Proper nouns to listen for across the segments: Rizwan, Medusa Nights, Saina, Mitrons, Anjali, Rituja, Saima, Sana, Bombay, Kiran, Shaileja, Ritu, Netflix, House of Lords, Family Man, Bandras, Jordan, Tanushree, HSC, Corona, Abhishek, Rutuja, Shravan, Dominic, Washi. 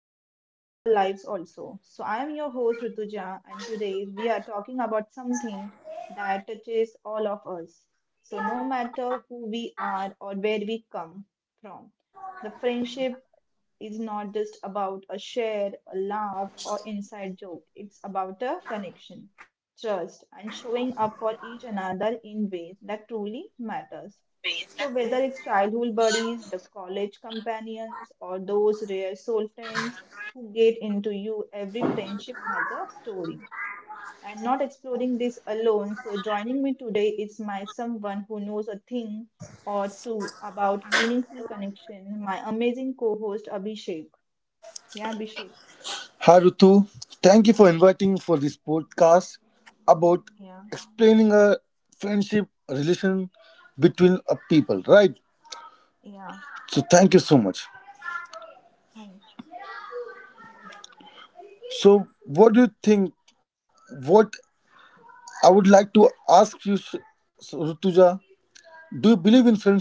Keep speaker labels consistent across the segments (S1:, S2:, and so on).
S1: and that shape our lives also. So I am your host Rituja and today we are talking about something that touches all of us. So no matter who we are or where we come from, the friendship is not just about a share, a laugh, or inside joke. It's about a connection, trust, and showing up for each another in ways that truly matters. So whether it's childhood buddies, the college companions, or those rare soul friends who get into you, every friendship has a story. And not exploring this alone. So joining me today is my someone who knows a thing or two about meaningful connection, my amazing co-host Abhishek. Yeah, Abhishek.
S2: Hi Ritu, thank you for inviting for this podcast about
S1: Yeah,
S2: explaining a friendship relation between a people, right?
S1: yeah,
S2: So thank you so much.
S1: fine.
S2: So what do you think? What I would like to ask you, Rutuja, do you believe in friendship?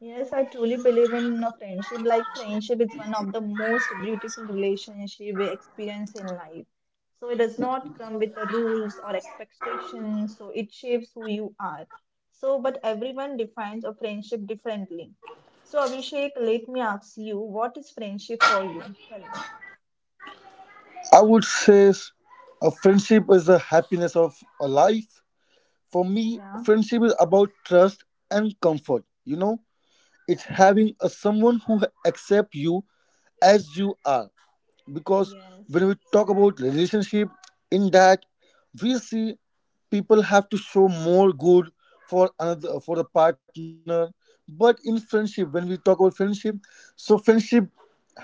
S1: Yes, I truly believe in a friendship. Like friendship is one of the most beautiful relationship we experience in life. So it does not come with the rules or expectations. So it shapes who you are. So, but everyone defines a friendship differently. So Abhishek, let me ask you, what is friendship for you? Tell me.
S2: I would say a friendship is the happiness of a life. For me, friendship is
S1: Yeah,
S2: about trust and comfort. You know, it's having a
S1: yeah,
S2: someone who accept you as you are because when
S1: yes,
S2: we talk about relationship in that we see people have to show more good for another for the partner, but in friendship when we talk about friendship, so friendship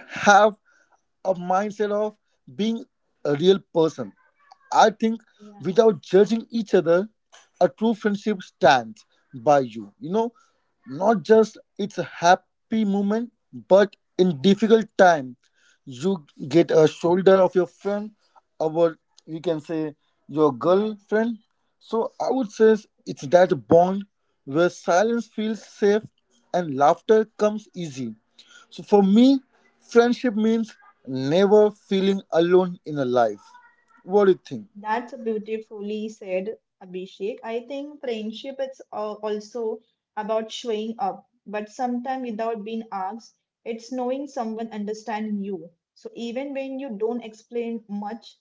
S2: have a mindset of being a real person, I think,
S1: yeah,
S2: without judging each other, a true friendship stands by you. You know, not just it's a happy moment, but in difficult time, you get a shoulder of your friend, or you can say your
S1: yes.
S2: girlfriend. So I would say it's that bond where silence feels safe and laughter comes easy. So for me, friendship means never feeling alone in a life. What do you think?
S1: That's beautifully said, Abhishek. I think friendship is also about showing up, but sometimes without being asked, it's knowing someone understanding you. So even when you don't explain much,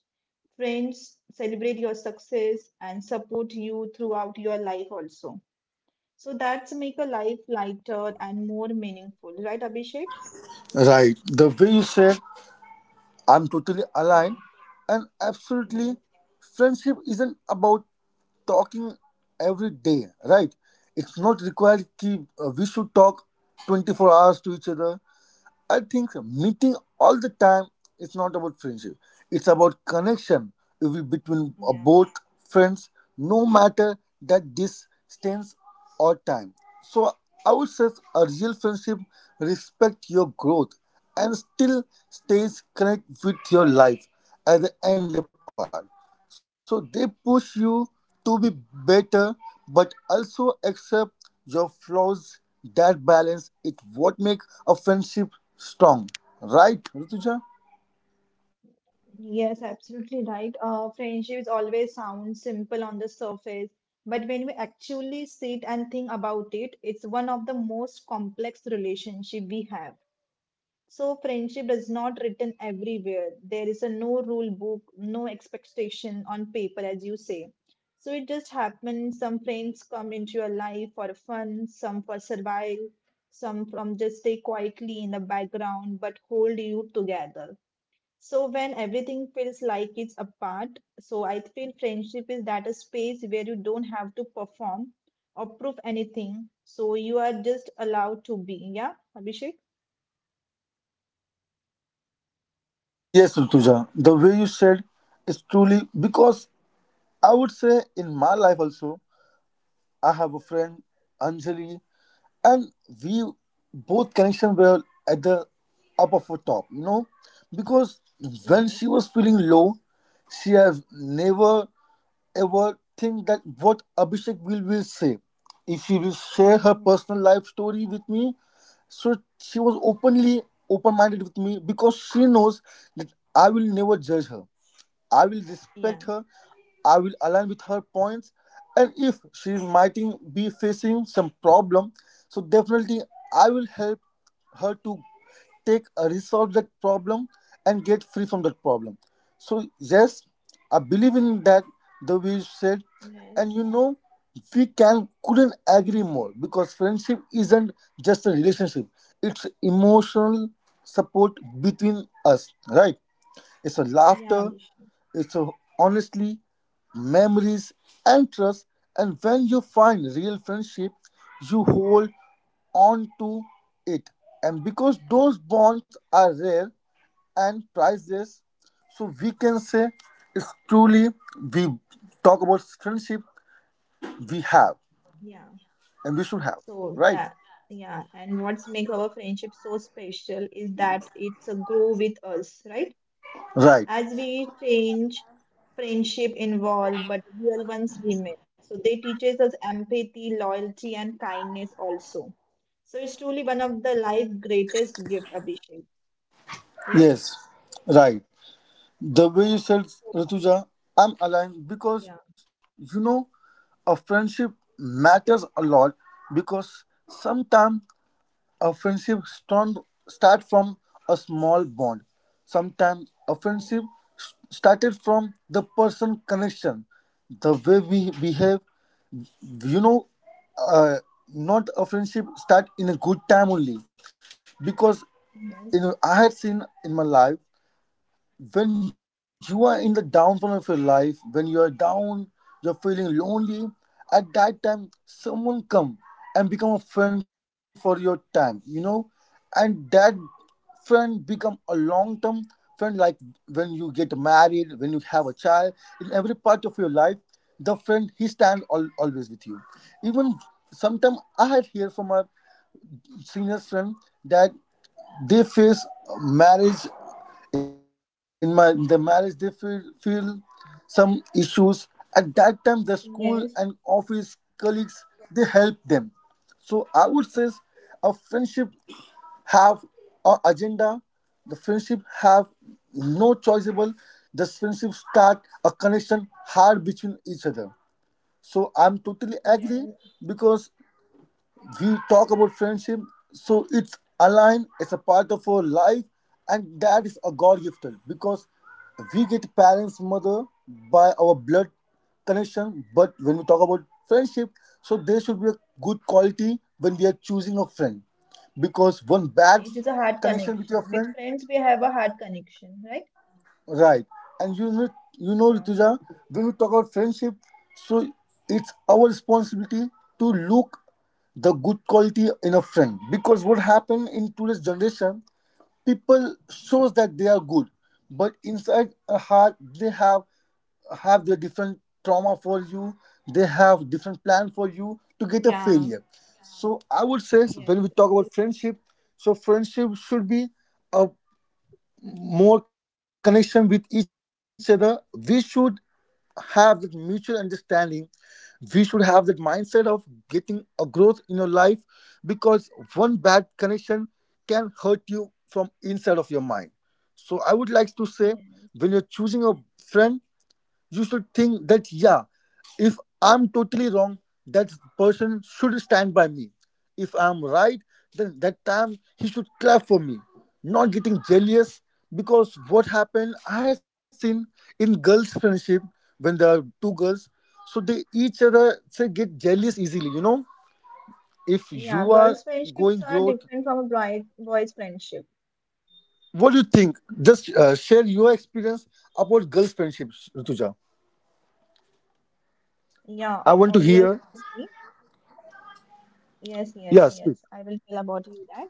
S1: friends celebrate your success and support you throughout your life also. So that's make a life lighter and more meaningful, right, Abhishek?
S2: Right. The way you said, I'm totally aligned.
S1: Yeah.
S2: And absolutely,
S1: Yes.
S2: friendship isn't about talking every day, right? It's not required. We should talk 24 hours to each other. I think meeting all the time is not about friendship. It's about connection it will between
S1: Yeah.
S2: both friends, no matter that distance or time. So I would say a real friendship respect your growth and still stays connect with your life at the end part. So they push you to be better, but also accept your flaws. That balance it what makes a friendship strong, right, Rituja?
S1: Yes, absolutely right. Friendships always sound simple on the surface, but when we actually sit and think about it, it's one of the most complex relationship we have. So friendship is not written everywhere. There is a no rule book, no expectation on paper, as you say. So it just happens. Some friends come into your life for fun, some for survival, some from just stay quietly in the background but hold you together. So when everything feels like it's apart, so I feel friendship is that a space where you don't have to perform or prove anything. So you are just allowed to be. Yeah, Abhishek?
S2: Yes, Rituja. The way you said is truly because I would say in my life also I have a friend Anjali. And we both connection were at the up of her top, you know, because when she
S1: Yes.
S2: was feeling low she has never ever think that what Abhishek will say if she will share her
S1: Yeah.
S2: personal life story with me. So she was openly open minded with me because she knows that I will never judge her, I will respect
S1: Yeah.
S2: her, I will align with her points, and if she might be facing some problem, so definitely I will help her to take resolve that problem and get free from that problem. So yes, I believe in that the way you said, and
S1: Yes.
S2: you know we can couldn't agree more because friendship isn't just a relationship; it's emotional support between us, right? It's a
S1: Yeah,
S2: laughter,
S1: Abhishek.
S2: it's a, honestly, memories and trust. And when you find real friendship, you hold on to it. And because those bonds are rare and priceless, so we can say it's truly, we talk about friendship we have
S1: Yeah.
S2: and we should have.
S1: So
S2: Right?
S1: that, yeah. And what's make our friendship so special is that it's a grow with us, right?
S2: Right.
S1: As we change, friendship involve, but real ones remain. So they teaches us empathy, loyalty, and kindness also. So it's truly one of the life greatest gift, Abhishek. Yes.
S2: Yes. Right. The way you said, Rituja, I'm aligned because
S1: Yeah,
S2: you know, a friendship matters a lot because sometimes a friendship strong start from a small bond. Sometimes a
S1: yeah,
S2: friendship started from the person connection, the way we behave. You know, uh, not a friendship start in a good time only because you know
S1: Yes,
S2: I had seen in my life when you are in the downfall of your life, when you are down, you're feeling lonely, at that time someone come and become a friend for your time, you know, and that friend become a long term friend like when you get married, when you have a child, in every part of your life, the friend he stand always with you. Even sometimes I had hear from a senior friend that they face marriage, in my the marriage they feel some issues. At that time the school and office
S1: yes,
S2: colleagues they help them. So I would say a friendship have a agenda, the friendship have no choiceable, the friendship start a connection hard between each other, so I'm totally agree
S1: yes.
S2: because we talk about friendship, so it's aligned, it's a part of our life and that is a god gifted because we get parents mother by our blood connection, but when we talk about friendship, so there should be a good quality when we are choosing a friend, because one bad
S1: It is a heart
S2: connection with your
S1: connection. With
S2: friend.
S1: friends, we have a heart connection, right?
S2: Right. And you know,
S1: Yeah,
S2: Rituja, when we talk about friendship, so it's our responsibility to look the good quality in a friend. Because what happened in today's generation, people shows that they are good, but inside a heart they have their different trauma for you. They have different plan for you to get a
S1: yeah,
S2: failure. So I would say
S1: yes,
S2: when we talk
S1: absolutely.
S2: about friendship, so friendship should be a more connection with each other, we should have that mutual understanding, we should have that mindset of getting a growth in your life, because one bad connection can hurt you from inside of your mind. So I would like to say, when you're
S1: Yes.
S2: choosing a friend, you should think that, yeah, if I'm totally wrong, that person should stand by me, if I'm right, then that time he should clap for me, not getting jealous. Because what happened, I have seen in girls friendship, when there are two girls, so they each other say get jealous easily, you know, if you
S1: Yeah,
S2: are
S1: girls'
S2: going
S1: friendships are
S2: growth.
S1: different from a boys' friendship.
S2: What do you think? Just share your experience about girls friendships, Rutuja.
S1: Yeah,
S2: I want to hear.
S1: obviously.
S2: Yeah,
S1: Yes.
S2: speak.
S1: I will tell about you that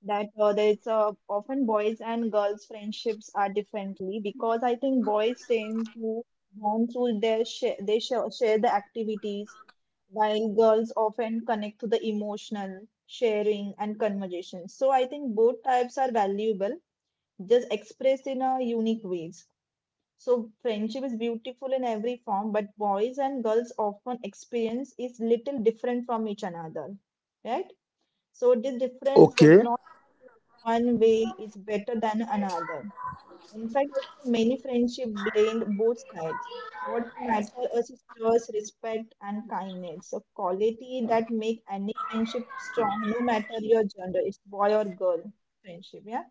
S1: there's often boys and girls friendships are differently because I think boys tend to bond through their share they share, share the activities while girls often connect to the emotional sharing and conversation. So I think both types are valuable, just expressed in a unique ways. So friendship is beautiful in every form, but boys and girls often experience is little different from each another, right? So the difference does
S2: Okay.
S1: not mean one way is better than another. In fact, many friendship blend both sides. What matter is sisters respect and kindness, a quality that make any friendship strong, no matter your gender, it's boy or girl friendship. Yeah.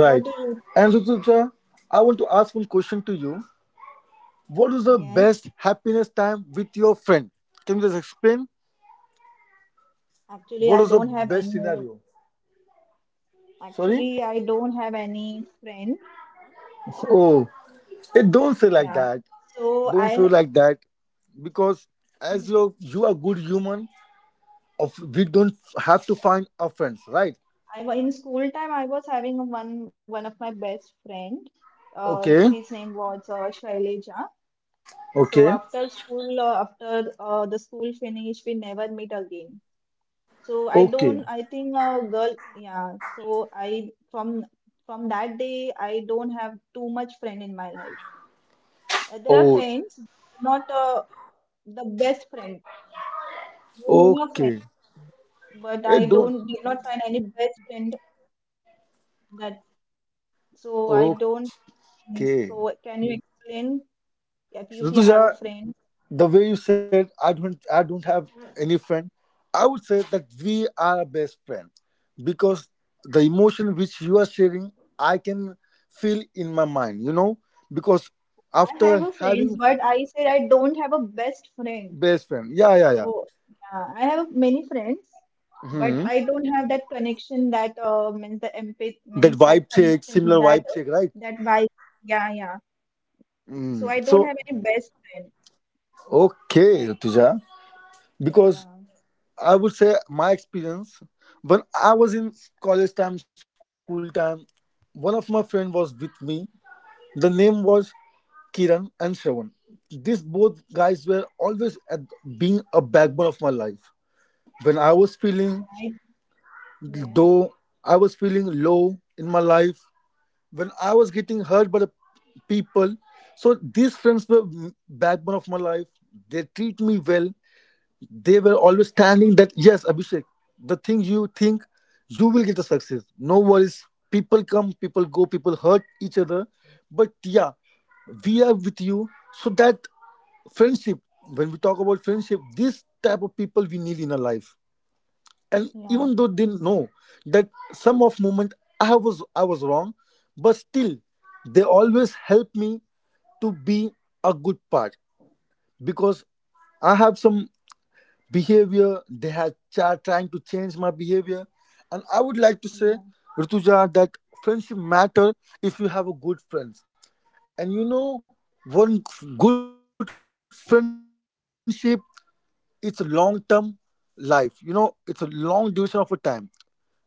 S2: Right.
S1: What do you
S2: And
S1: think?
S2: Rutuja, I want to ask one question to you. What is the
S1: Yes.
S2: best happiness time with your friend? Can you just explain?
S1: Actually,
S2: What
S1: I
S2: is the
S1: don't have any
S2: best
S1: more.
S2: scenario? Sorry?
S1: Actually, I don't have any friend.
S2: Oh, eh, don't say like
S1: Yeah.
S2: that.
S1: So
S2: Don't say like that. Because as you are good human, of we don't have to find our friends, right?
S1: in school time I was having one of my best friend.
S2: Okay.
S1: She's name was Shaileja. So
S2: Okay.
S1: after school, after the school finish, we never meet again. So I
S2: Okay.
S1: don't. I think girl. Yeah. So I from that day I don't have too much friend in my life. There are
S2: Oh,
S1: friends, not the best friend. There are many of friends,
S2: okay.
S1: but
S2: Hey,
S1: I
S2: don't.
S1: don't did not find any best friend that. So I don't.
S2: Okay.
S1: So can you explain? Yep, if you have a
S2: Rutuja,
S1: friend.
S2: the way you said, I don't have any friend, I would say that we are a best friend, because the emotion which you are sharing I can feel in my mind, you know, because
S1: I
S2: after
S1: have a
S2: having
S1: friends, but I said I don't have a best friend.
S2: best friend. Yeah, yeah, yeah.
S1: So yeah, I have many friends, but
S2: Hmm.
S1: I don't have that connection that means the empathy
S2: That
S1: means that
S2: vibe check,
S1: connection
S2: similar vibe check, right.
S1: that vibe. Yeah, yeah. So
S2: Mm.
S1: I don't
S2: So
S1: have any best friend.
S2: okay, Tuja. Because
S1: Yeah,
S2: I would say my experience, when I was in college time, school time, one of my friend was with me, the name was Kiran and Shravan. These both guys were always at being a backbone of my life. When I was
S1: yeah.
S2: feeling,
S1: I, yes,
S2: though I was feeling low in my life, when I was getting hurt by the people, so these friends were backbone of my life. They treat me well. They were always standing that, yes, Abhishek, the thing you think you will get a success. No worries. People come, people go, people hurt each other. But yeah, we are with you. So that friendship, when we talk about friendship, this type of people we need in our life. And
S1: yeah,
S2: even though they know that some of moment I was wrong, but still they always help me to be a good part, because I have some behavior they have are trying to change my behavior. And I would like to say,
S1: yeah,
S2: Rituja, that friendship matter if you have a good friends. And you know, one good friendship, it's a long term life, you know, it's a long duration of a time. Now we are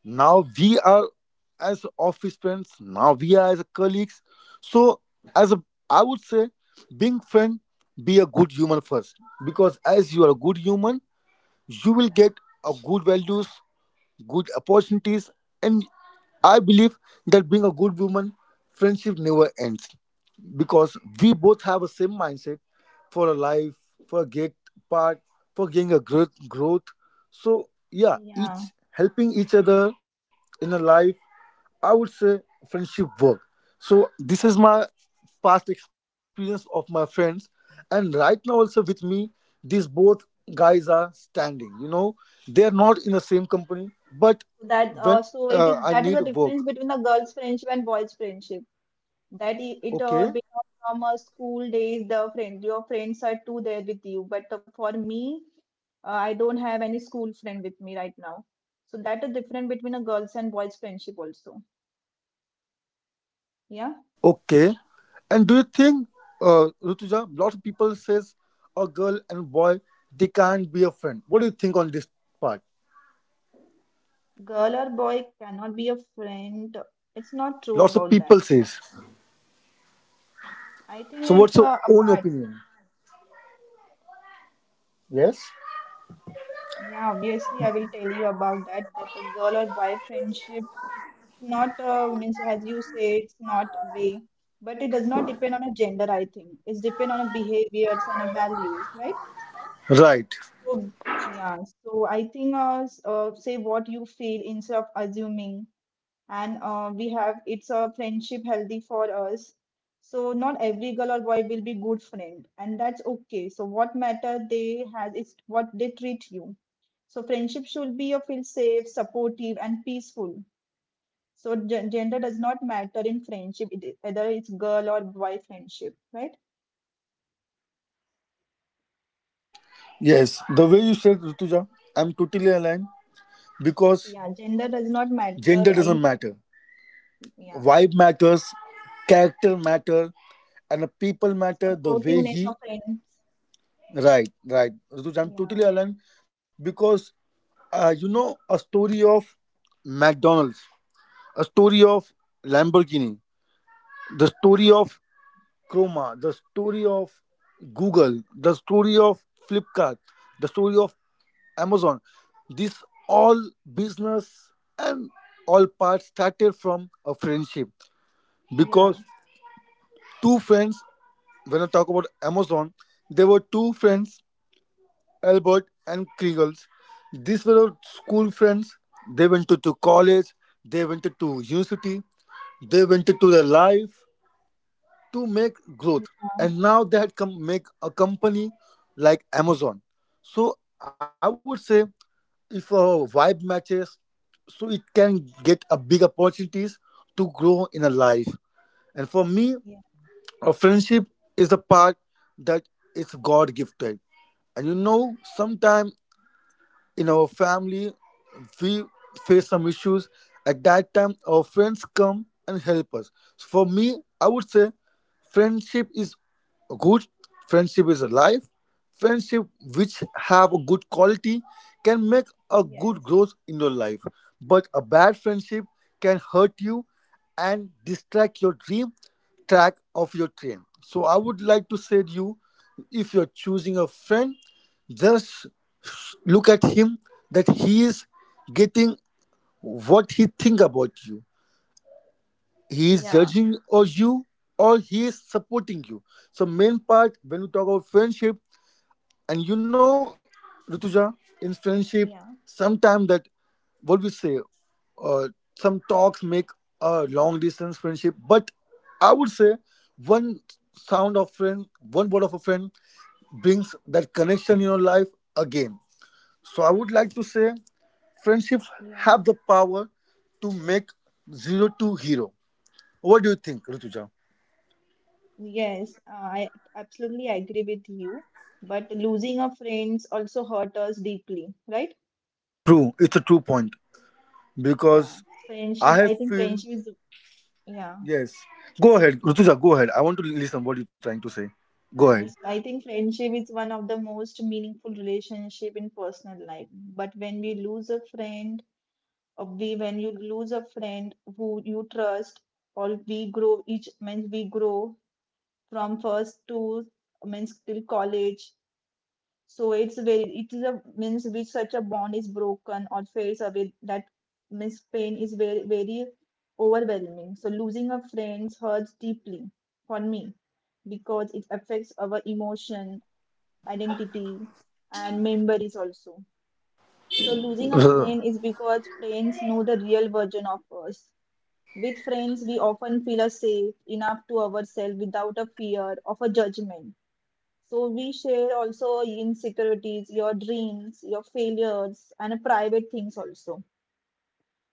S2: as office friends, now we are as a colleagues. So as a, I would say, being friend, be a good human first, because as you are a good human, you will get a good values, good opportunities, and I believe that being a good woman, friendship never ends because we both have a same mindset for a life, for a great part, for getting a growth. So yeah,
S1: yeah.
S2: each helping each other in a life, I would say friendship work. So this is my past experience of my friends, and right now also with me, these both guys are standing. You know, they are not in the same company, but
S1: So that
S2: when
S1: so it is
S2: I
S1: that is
S2: need
S1: the
S2: work,
S1: difference between the girl's friendship and boy's friendship. That I- it
S2: okay.
S1: because from school days the friend your friends are too there with you but for me I don't have any school friend with me right now. So that is different between a girls and boys friendship also. Yeah.
S2: Okay. And do you think, Rutuja, lot of people says a girl and boy they can't be a friend. What do you think on this part?
S1: Girl or boy cannot be a friend, it's not true
S2: Lots of
S1: about that.
S2: people says.
S1: I think
S2: So
S1: it's
S2: what's your own
S1: apart.
S2: opinion? Yes.
S1: Yeah, obviously I will tell you about that a girl or boy friendship. It's not means as you say, it's not way, but it does not depend on a gender, I think. It's depend on a behaviors and a values, right?
S2: Right.
S1: So yeah, so I think say what you feel instead of assuming, and we have it's a friendship healthy for us. So not every girl or boy will be good friend, and that's okay. So what matter they has is what they treat you. So friendship should be you feel safe, supportive, and peaceful. So gender does not matter in friendship, it, whether it's girl or boy friendship, right?
S2: Yes. The way you said, Rutuja, I'm totally aligned because
S1: Yeah, gender does not matter
S2: gender
S1: in
S2: doesn't
S1: friendship.
S2: matter.
S1: Yeah,
S2: Vibe matters, character matter, and the people matter. The way
S1: supportiveness of
S2: he.
S1: friends.
S2: Right. Right. Rutuja, I'm
S1: Yeah,
S2: totally aligned because you know a story of McDonald's, a story of Lamborghini, the story of Chroma, the story of Google, the story of Flipkart, the story of Amazon. This all business and all parts started from a friendship
S1: yeah,
S2: because two friends, when I talk about Amazon, there were two friends, Albert and Kriegels. These were our school friends. They went to college, they went to university, they went to their life to make growth,
S1: yeah,
S2: and now they had come make a company like Amazon. So I would say if a vibe matches, so it can get a big opportunities to grow in a life. And for me,
S1: yeah,
S2: a friendship is a part that is god gifted. And you know, sometimes in our family we face some issues. At that time our friends come and help us. So, for me I would say friendship is good, friendship is alive, friendship which have a good quality can make a good
S1: yes,
S2: growth in your life. But a bad friendship can hurt you and distract your dream, track of your train. So I would like to say to you, if you're choosing a friend, just look at him, that he is getting, what he think about you, he is
S1: yeah,
S2: judging or you, or he is supporting you. So main part when we talk about friendship, and you know, Rutuja, in friendship,
S1: yeah,
S2: sometime that what we say, uh, some talks make a long distance friendship. But I would say one sound of friend, one word of a friend, brings that connection in your life again. So I would like to say friendship
S1: yeah.
S2: have the power to make zero to hero. What do you think, Rituja?
S1: Yes, I absolutely agree with you. But losing a friends also hurt us deeply, right?
S2: True, it's a true point
S1: Yeah,
S2: because I
S1: friendship. I
S2: have
S1: think
S2: feel
S1: friendship is yeah.
S2: yes. Go ahead, Rituja. Go ahead. I want to listen what you're trying to say. Go ahead.
S1: So I think friendship is one of the most meaningful relationship in personal life. But when we lose a friend, or we when you lose a friend who you trust, or we grow each means we grow from first to means till college. So it's very it is a means which such a bond is broken or fades away that means pain is very very overwhelming. So losing a friend hurts deeply for me because it affects our emotion identity and memories also. So losing a friend
S2: R-
S1: is because friends know the real version of us. With friends, we often feel us safe enough to ourselves without a fear of a judgment. So we share also insecurities, your dreams, your failures, and private things also.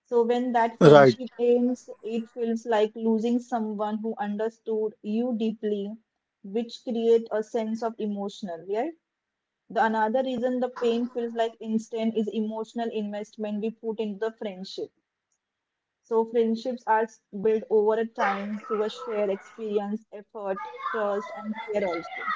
S1: So when that
S2: right,
S1: friendship ends, it feels like losing someone who understood you deeply, which create a sense of emotional, Yeah. The another reason the pain feels like instant is emotional investment we put into the friendship. So friendships are built over a time through a shared experience, effort, trust, and care also.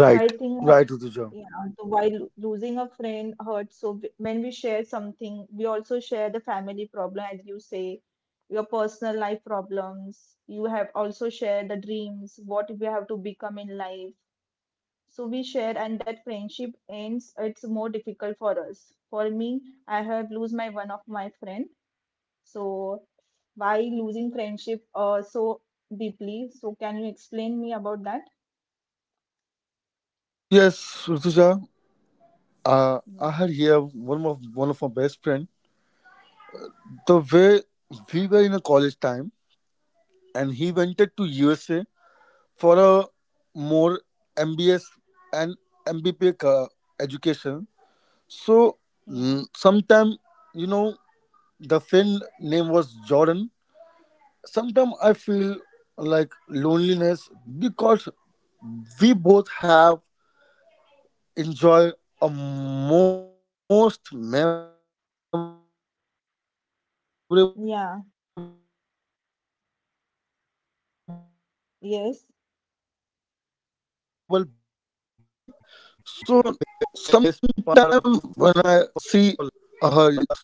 S1: So I think,
S2: right, Rituja.
S1: yeah, the, while losing a friend hurts, so when we share something, we also share the family problem, as you say, your personal life problems. You have also shared the dreams, what we have to become in life so we share, and that friendship ends. It's more difficult for us. For me, I have lose my one of my friend. So why losing friendship so deeply? So can you explain me about that?
S2: Yes, Rituja.
S1: Yeah,
S2: I had here one of my best friend. The way we were in a college time, and he went to USA for a more MBS and MBP ca- education. So
S1: yeah,
S2: sometime, you know, the friend name was Jordan. Sometimes I feel like loneliness because we both have enjoy a most memorable best part of our life. So it's almost
S1: yeah.
S2: 1.5-year happened. He went to USA for
S1: Yes,
S2: more valuable of studies in university. So sometime when I see her stories on Instagram,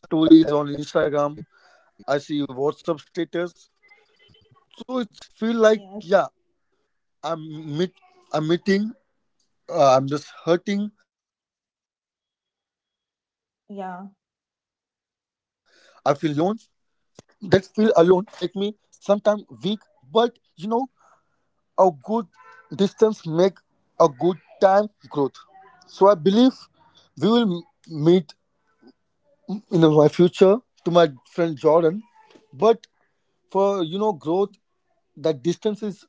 S2: I see WhatsApp status. So it's feel like yeah, I'm meet,
S1: yes,
S2: I'm meeting, I'm just hurting. I feel alone, but yes, I would like to say
S1: yeah,
S2: that feel alone, that that feeling make me sometime weak. But you know, a good distance make a good time growth. So I believe we will meet in my future to my friend Jordan. But for you know growth, that distance is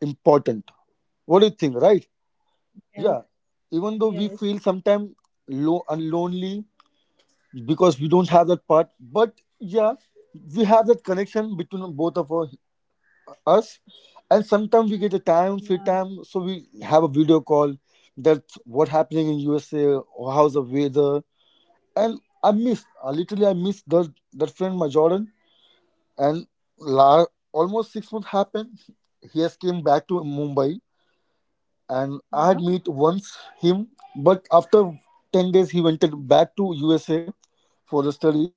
S2: important. What do you think, right?
S1: yes,
S2: Yeah. Even though
S1: yes,
S2: we feel sometimes low and lonely because we don't have that part, but yeah, we have that connection between both of us us, and sometimes we get a time
S1: yeah,
S2: free time, so we have a video call, that's what happening in USA, or how's the weather. And I miss literally I miss that friend, my Jordan. And la- almost 6 months happened, he has came back to Mumbai, and
S1: yeah,
S2: I had meet once him. But after 10 days he went back to USA for the studies.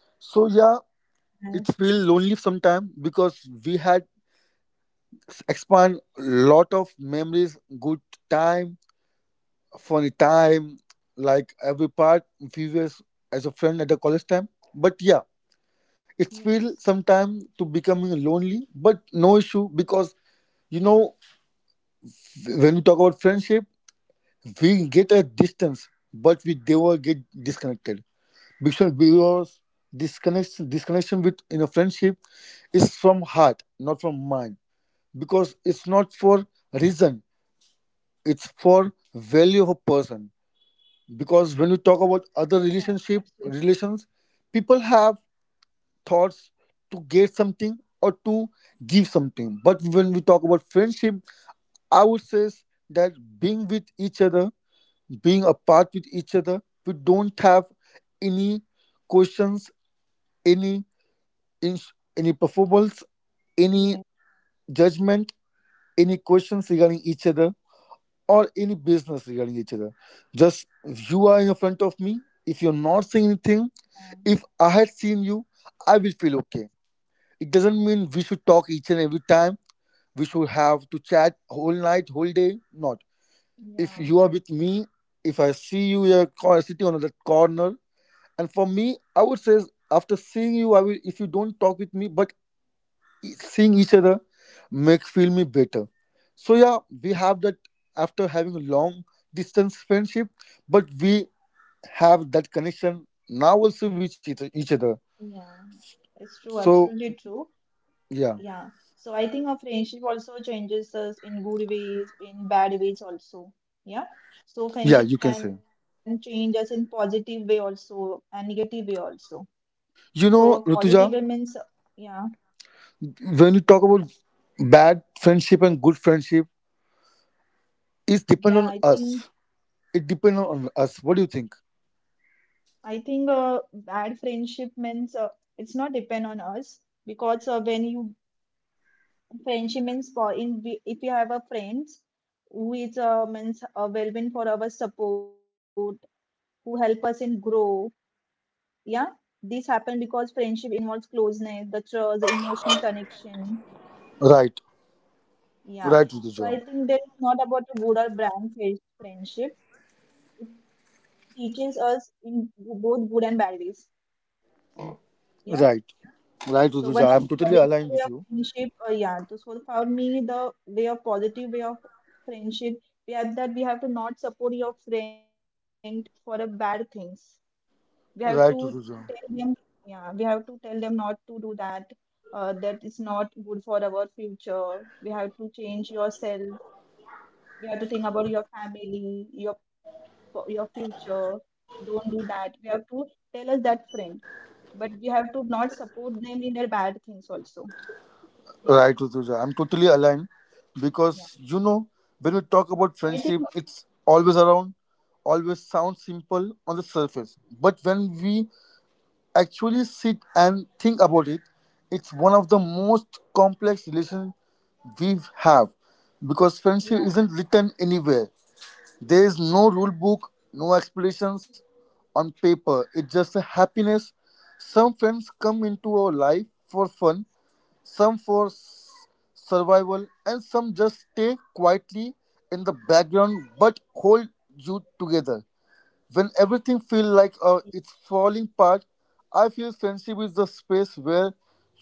S2: So yeah,
S1: yes,
S2: it's feel lonely sometime because we had expand lot of memories, good time, funny time, like every part, few years as a friend at the college time. But yeah, it
S1: yes,
S2: feel sometime to becoming lonely, but no issue because you know, when we talk about friendship, we get a distance but we never get disconnected. Because disconnection with in a friendship is from heart, not from mind, because it's not for reason, it's for value of a person. Because when we talk about
S1: yeah.
S2: other
S1: Absolutely.
S2: relations, people have thoughts to get something or to give something. But when we talk about friendship, I would say that being with each other, being apart with each other, we don't have any questions, any any performance, any
S1: Yeah,
S2: judgment, any questions regarding each other, or any business regarding each other. Just you are in front of me. If you're not saying anything, if I had seen you, I will feel okay. It doesn't mean we should talk each and every time. We should have to chat whole night, whole day. Not.
S1: yeah,
S2: If
S1: yeah.
S2: you are with me, if I see you, you're sitting on that corner. And for me, I would say after seeing you, I will. If you don't talk with me, but seeing each other make feel me better. So yeah, we have that, after having a long distance friendship, but we have that connection now also with each other.
S1: yeah. It's true.
S2: So
S1: Absolutely true.
S2: yeah,
S1: Yeah. So I think our friendship also changes us in good ways, in bad ways also. Yeah. So
S2: yeah,
S1: friendship
S2: you can say,
S1: can change us in positive way also and negative way also.
S2: you
S1: So
S2: know,
S1: positive
S2: Rutuja,
S1: way means yeah,
S2: when you talk about bad friendship and good friendship, it's depend
S1: yeah.
S2: on us. It depends on us, what do you think?
S1: I think bad friendship means it's not depend on us because when you friendship means for in if you have a friends who is means available for our support, who help us in grow yeah. This happen because friendship involves closeness the trust the emotion connection.
S2: Right,
S1: Yeah.
S2: right,
S1: So I
S2: Rutuja.
S1: think that it's not about a good or bad friendship, it teaches us in both good and bad ways. Yeah.
S2: Right, right,
S1: So one
S2: Rutuja,
S1: of the
S2: I'm totally
S1: positive
S2: aligned
S1: way
S2: with
S1: of
S2: you.
S1: friendship yeah so for me the way of positive way of friendship we have that we have to not support your friend for a bad things. We have to
S2: Right, Rutuja.
S1: tell them, yeah, we have to tell them not to do that. That is not good for our future. We have to change yourself. We have to think about your family, your future. Don't do that. We have to tell us that friend, but we have to not support them in their bad things also. Yeah,
S2: Right, Rutuja, I'm totally aligned
S1: yeah.
S2: because you know, when we talk about
S1: So I think,
S2: friendship, it's always
S1: yeah,
S2: around, always sounds simple on the surface, but when we actually sit and think about it, it's one of the most complex relations we have because friendship
S1: yeah,
S2: isn't written anywhere. There is no rule book, no explanations on paper. It's just a happiness. Some friends come into our life for fun, some for survival, and some just stay quietly in the background, but hold you together when everything feels like it's falling apart. I feel friendship is the space where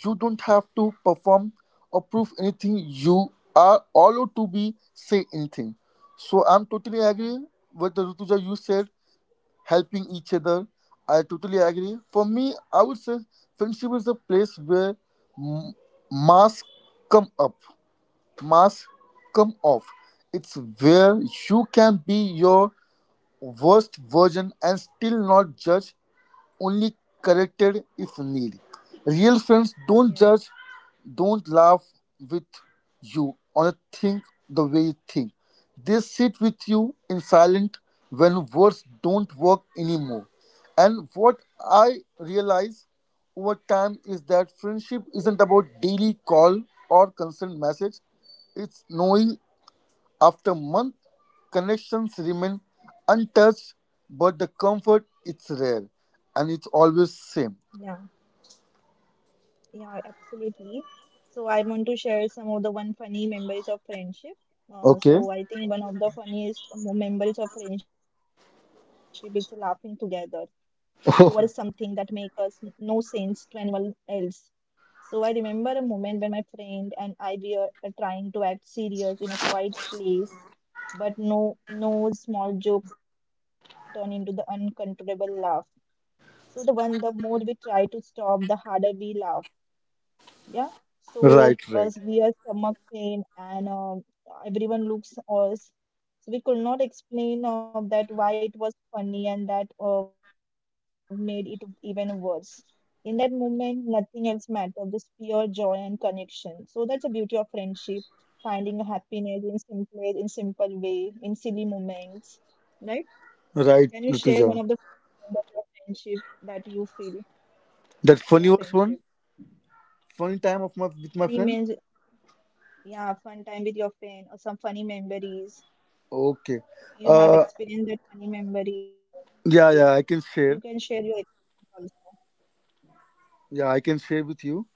S2: you don't have to perform or prove anything. You are allowed to be say anything. So I'm totally agree
S1: yeah.
S2: with the Rutuja you said, helping each other. I totally agree. For me, I would say friendship is the place where m- masks come up, masks come off. It's where you can be your worst version and still not judged, only corrected if need. Real friends don't
S1: yes,
S2: judge, don't laugh with you or think the way you think. They sit with you in silence when words don't work anymore. And what I realize over time is that friendship isn't about daily call or constant message. It's knowing after months, connections remain untouched, but the comfort, it's rare, and it's always same.
S1: yeah. Yeah, absolutely. So I want to share some of the one funny memories of friendship. Uh,
S2: Okay.
S1: so I think one of the memories of friendship is laughing together over something that makes us no sense to anyone else. So I remember a moment when my friend and I were trying to act serious in a quiet place, but no small joke turned into the uncontrollable laugh. So the more we try to stop, the harder we laugh. Yeah.
S2: Oh,
S1: So
S2: right, right,
S1: severe stomach pain and everyone looks us. So we could not explain that why it was funny, and that made it even worse. In that moment, nothing else mattered, just pure joy and connection. So that's the beauty of friendship, finding happiness in simple way, in silly moments, right? Can you share
S2: right,
S1: one of the funny
S2: Rituja.
S1: moments of your friendship that you feel in
S2: That
S1: your
S2: funny was
S1: friendship?
S2: one funny time of my with my
S1: Funny
S2: friend.
S1: means, yeah, fun time with your friend or some funny memories.
S2: Okay.
S1: You have
S2: Uh,
S1: experienced that funny memories.
S2: yeah,
S1: You
S2: yeah,
S1: can
S2: I can
S1: share your
S2: share.
S1: experience also.
S2: Yeah, I can share with you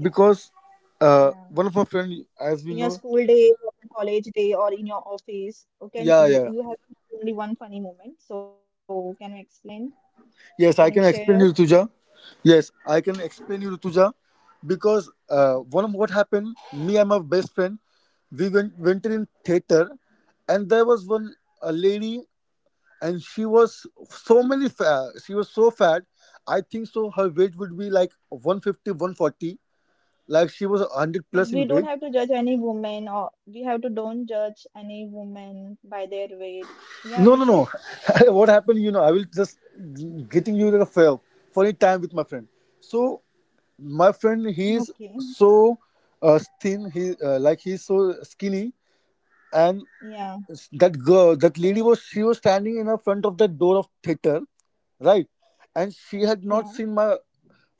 S2: because
S1: Yeah, yeah.
S2: one of my friend, as
S1: In
S2: we
S1: your
S2: know,
S1: school day, or in college day, or in your office, or can
S2: yeah,
S1: you,
S2: yeah.
S1: you have only one funny moment? So can you explain? Can you
S2: Yes, I can
S1: share us?
S2: explain you, Tuja. Yes, I can explain you, Tuja, because
S1: Yeah.
S2: one of what happened, me and my best friend, we went in theater, and there was one a lady, and she was so many, she was so fat. I think so. Her weight would be like 150, 140. Like she was 100
S1: But
S2: plus
S1: we
S2: in
S1: don't
S2: weight.
S1: have to judge any woman, or we have to don't judge any woman by their weight. Yeah,
S2: No, no, no.
S1: Abhishek. So
S2: What happened, you know, I will just getting you like a fair, funny time with my friend. So my friend,
S1: okay.
S2: he is so thin. He like he's so skinny, and
S1: Yeah,
S2: that girl, that lady was, she was standing in the front of the door of theater, right? And
S1: yeah,
S2: she had not seen my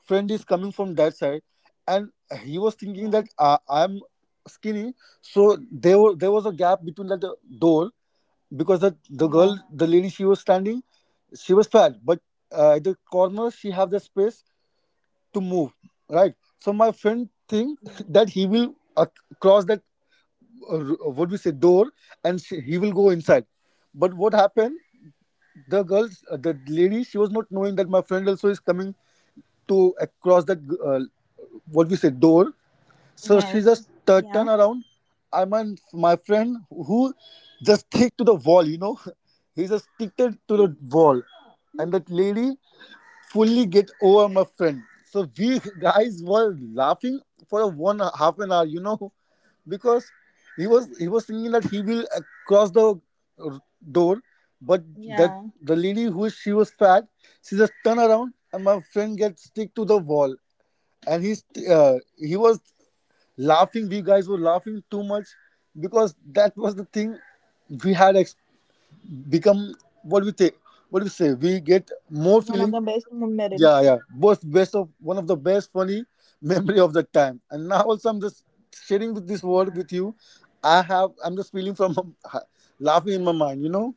S2: friend is coming from that side, and he was
S1: yeah,
S2: thinking that I'm skinny, so there was a gap between that door, because the girl,
S1: yeah,
S2: the lady, she was standing, she was fat, but at the corner she have the space to move, right? So my friend
S1: yeah.
S2: think that he will cross that what we say door, and she, he will go inside. But what happened? The girl, the lady, she was not knowing that my friend also is coming to cross that uh, what we say door.
S1: Yes.
S2: So she just
S1: Yeah.
S2: turn around. I mean, my friend who just stick to the wall, you know, he just sticked it to the
S1: Mhm.
S2: wall, and that lady fully get over my friend. So we guys were laughing for a one half an hour, you know, because he was thinking that he will cross the uh, door. But that
S1: Yeah,
S2: the lady who is- she was fat, she just turn around and my friend gets stick to the wall, and he's he was laughing, we guys were laughing too much because that was the thing we had become, what we take, what do we say, we get
S1: one of the
S2: more
S1: best
S2: feeling.
S1: memory.
S2: Yeah, yeah, both best of one of the best funny memory of the time. And now also I'm just sharing with this
S1: Yeah,
S2: word with you, I have I'm just feeling from laughing in my mind, you know.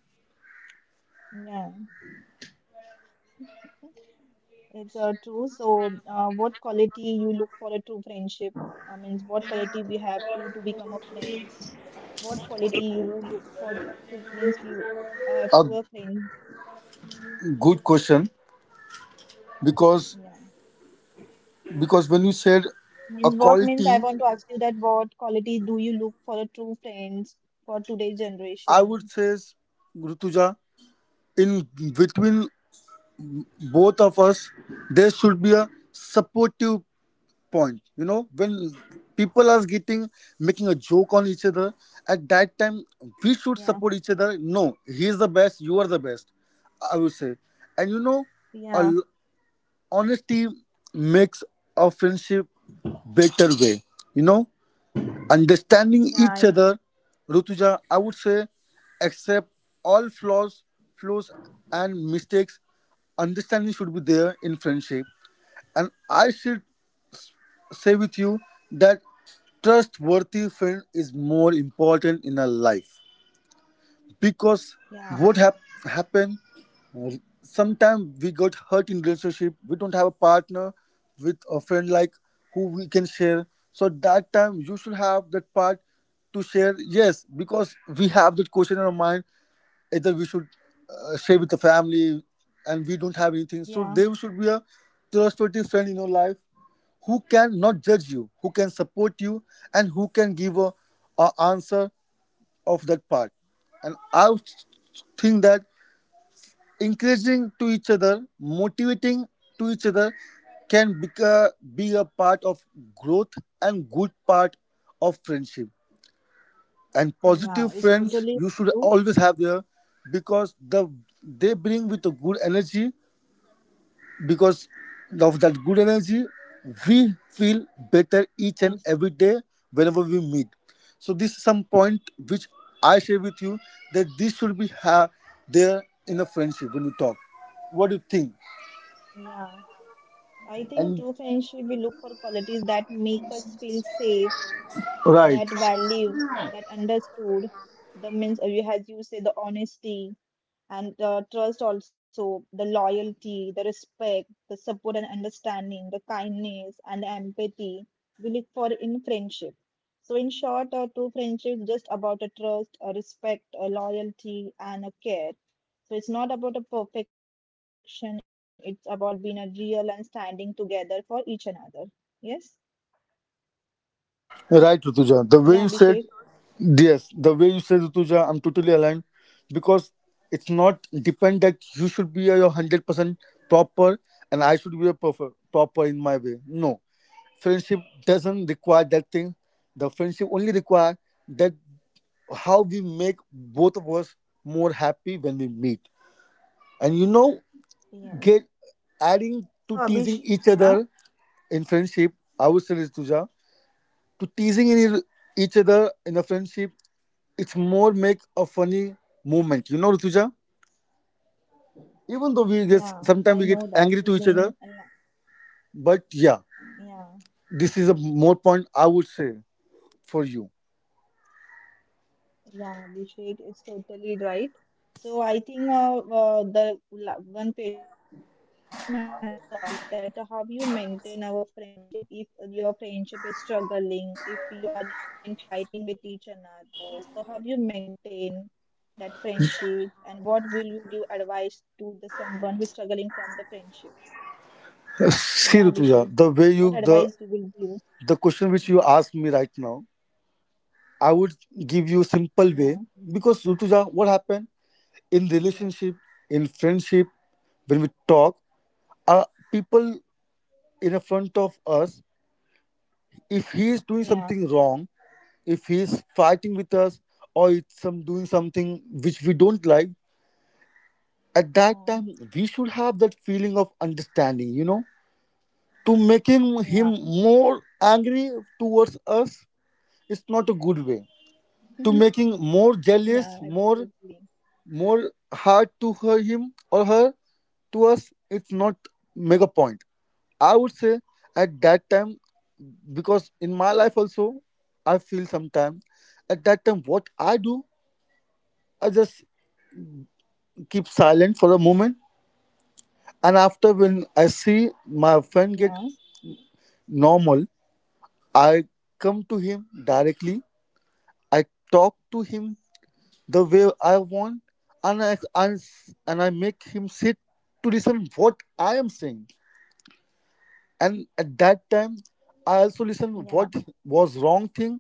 S1: yeah, it's true. So, what quality you look for a true friendship? Means what quality we have to become a friends? What quality you look for to means you have
S2: A
S1: to a friend?
S2: good question
S1: Yeah,
S2: because because when you said
S1: means
S2: a
S1: what means I
S2: quality,
S1: want to ask you that what quality do you look for a true friends for today's
S2: I would
S1: generation?
S2: say is, Rutuja, in between both of us there should be a supportive point. You know, when people are getting making a joke on each other, at that time we should
S1: Yeah,
S2: support each other. No, he is the best, you are the best, I would say. And you know,
S1: yeah,
S2: a honesty makes a friendship better way, you know. Understanding each
S1: yeah,
S2: other, Rutuja, I would say accept all flaws, flaws and mistakes. Understanding should be there in friendship. And I should say with you that trustworthy friend is more important in our life because
S1: yeah,
S2: what hap- happen sometimes we got hurt in relationship. We don't have a partner with a friend like who we can share, so that time you should have that part to share. Yes, because we have that question in our mind, either we should share with the family and we don't have anything, so
S1: yeah.
S2: there should be a trustworthy friend in your life who can not judge you, who can support you, and who can give a answer of that part. And I would think that encouraging to each other, motivating to each other can be a part of growth and good part of friendship. And
S1: Yeah,
S2: positive
S1: it's
S2: friends
S1: totally
S2: you should
S1: true.
S2: always have there because they bring with a good energy. Because of that good energy, we feel better each and
S1: Yes.
S2: every day whenever we meet. So this is some point which I share with you, that this should there in a friendship when we talk. What do you think?
S1: Yeah. I think
S2: And
S1: true friendship, we look for qualities that make us feel safe,
S2: right.
S1: that value, that understood. The means, you- as you say, the honesty and the trust also, the loyalty, the respect, the support and understanding, the kindness and the empathy we look for in friendship. So in short, a true friendship is just about a trust, a respect, a loyalty, and a care. So it's not about a perfection, it's about being a real and standing together for each another. Yes?
S2: Right, Rutuja, the way you
S1: Yeah,
S2: said.
S1: Abhishek.
S2: Yes, the way you said, Rutuja, I'm totally aligned, because it's not depend that you should be a 100% proper and I should be a proper in my way. No. Friendship doesn't require that thing. The friendship only require that how we make both of us more happy when we meet. And you know, get
S1: Yes. So
S2: adding
S1: Abhishek,
S2: to teasing
S1: yeah,
S2: each other in friendship, I would say, Rutuja, to teasing in each other in a friendship. It's more make a funny moment. You know, Rutuja? Even though we get
S1: yeah, I
S2: sometimes
S1: know
S2: we get
S1: that
S2: angry to each
S1: feeling. And
S2: other,
S1: la-
S2: but yeah,
S1: Yeah,
S2: this is a more point I would say for you.
S1: yeah, Abhishek is totally right. So I think one question I have to ask that how you maintain our friendship if your friendship is struggling, if you are been fighting with each another. So how you maintain that friendship, and what will you give advice to the someone who is struggling from the friendship? Yeah, Abhishek, what
S2: See,
S1: advice
S2: Rutuja,
S1: you will
S2: the way
S1: give?
S2: you
S1: Yeah,
S2: the question which you asked me right now, I would give you
S1: yeah,
S2: simple way. Because, Rutuja, what happened
S1: yeah,
S2: in relationship, in friendship, when we talk, uh, people in front of us, if he is doing
S1: yeah,
S2: something wrong, if he's fighting with us or it's some doing something which we don't like, at that time we should have that feeling of understanding. You know, to making
S1: yeah, yeah,
S2: him more angry towards us, it's not a good way. To making more
S1: yeah,
S2: jealous,
S1: absolutely,
S2: more hard to her, him or her, to us, it's not mega point, I would say, at that time. Because in my life also, I feel sometimes at that time what I do, I just keep silent for a moment, and after when
S1: yeah,
S2: I see my friend get normal, I come to him directly, I talk to him the way I want. and i and, and I make him sit to listen what I am saying, and at that time I also listen
S1: yeah,
S2: what was wrong thing.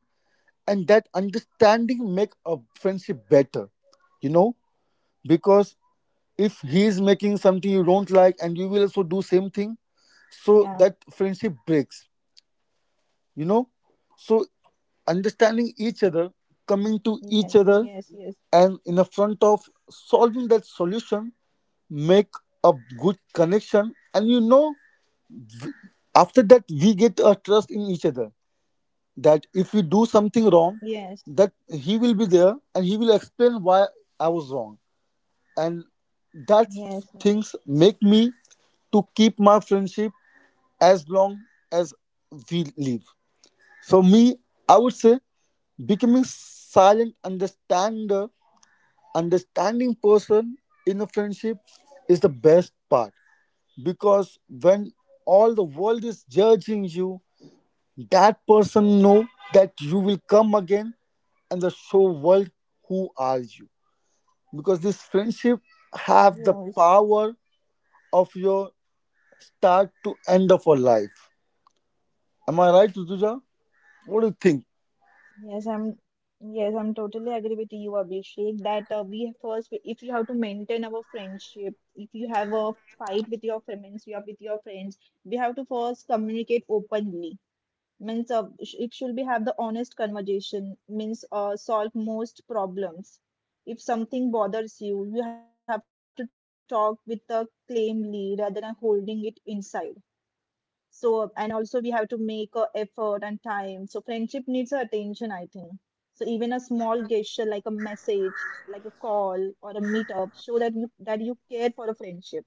S2: And that understanding make a friendship better, you know. Because if he is making something you
S1: yeah,
S2: don't like and you will also do same thing, so that friendship breaks, you know. So
S1: yes,
S2: understanding each
S1: yes,
S2: other,
S1: yes,
S2: coming to each other, and in the front of solving that solution, make a good connection. And you know, after that we get a trust in each other, that if we do something wrong,
S1: yes,
S2: that he will be there and he will explain why I was wrong. And that
S1: yes, yes,
S2: things make me to keep my friendship as long as we live. So me, I would say becoming silent understander, understanding person in a friendship is the best part. Because when all the world is judging you, that person know that you will come again and the show world who are you. Because this friendship have the
S1: yes.
S2: power of your start to end of our life. Am I right, Rutuja? What do you think?
S1: Yes, I'm yes, I'm totally agree with you, Abhishek, that we first, if you have to maintain our friendship, if you have a fight with your friends, you are with your friends, we have to first communicate openly. Means it should be have the honest conversation, means solve most problems. If something bothers you, you have to talk with the claimly rather than holding it inside. So, and also we have to make a effort and time. So, friendship needs our attention, I think. So, even a small gesture like a message, like a call or a meetup, show that you care for a friendship.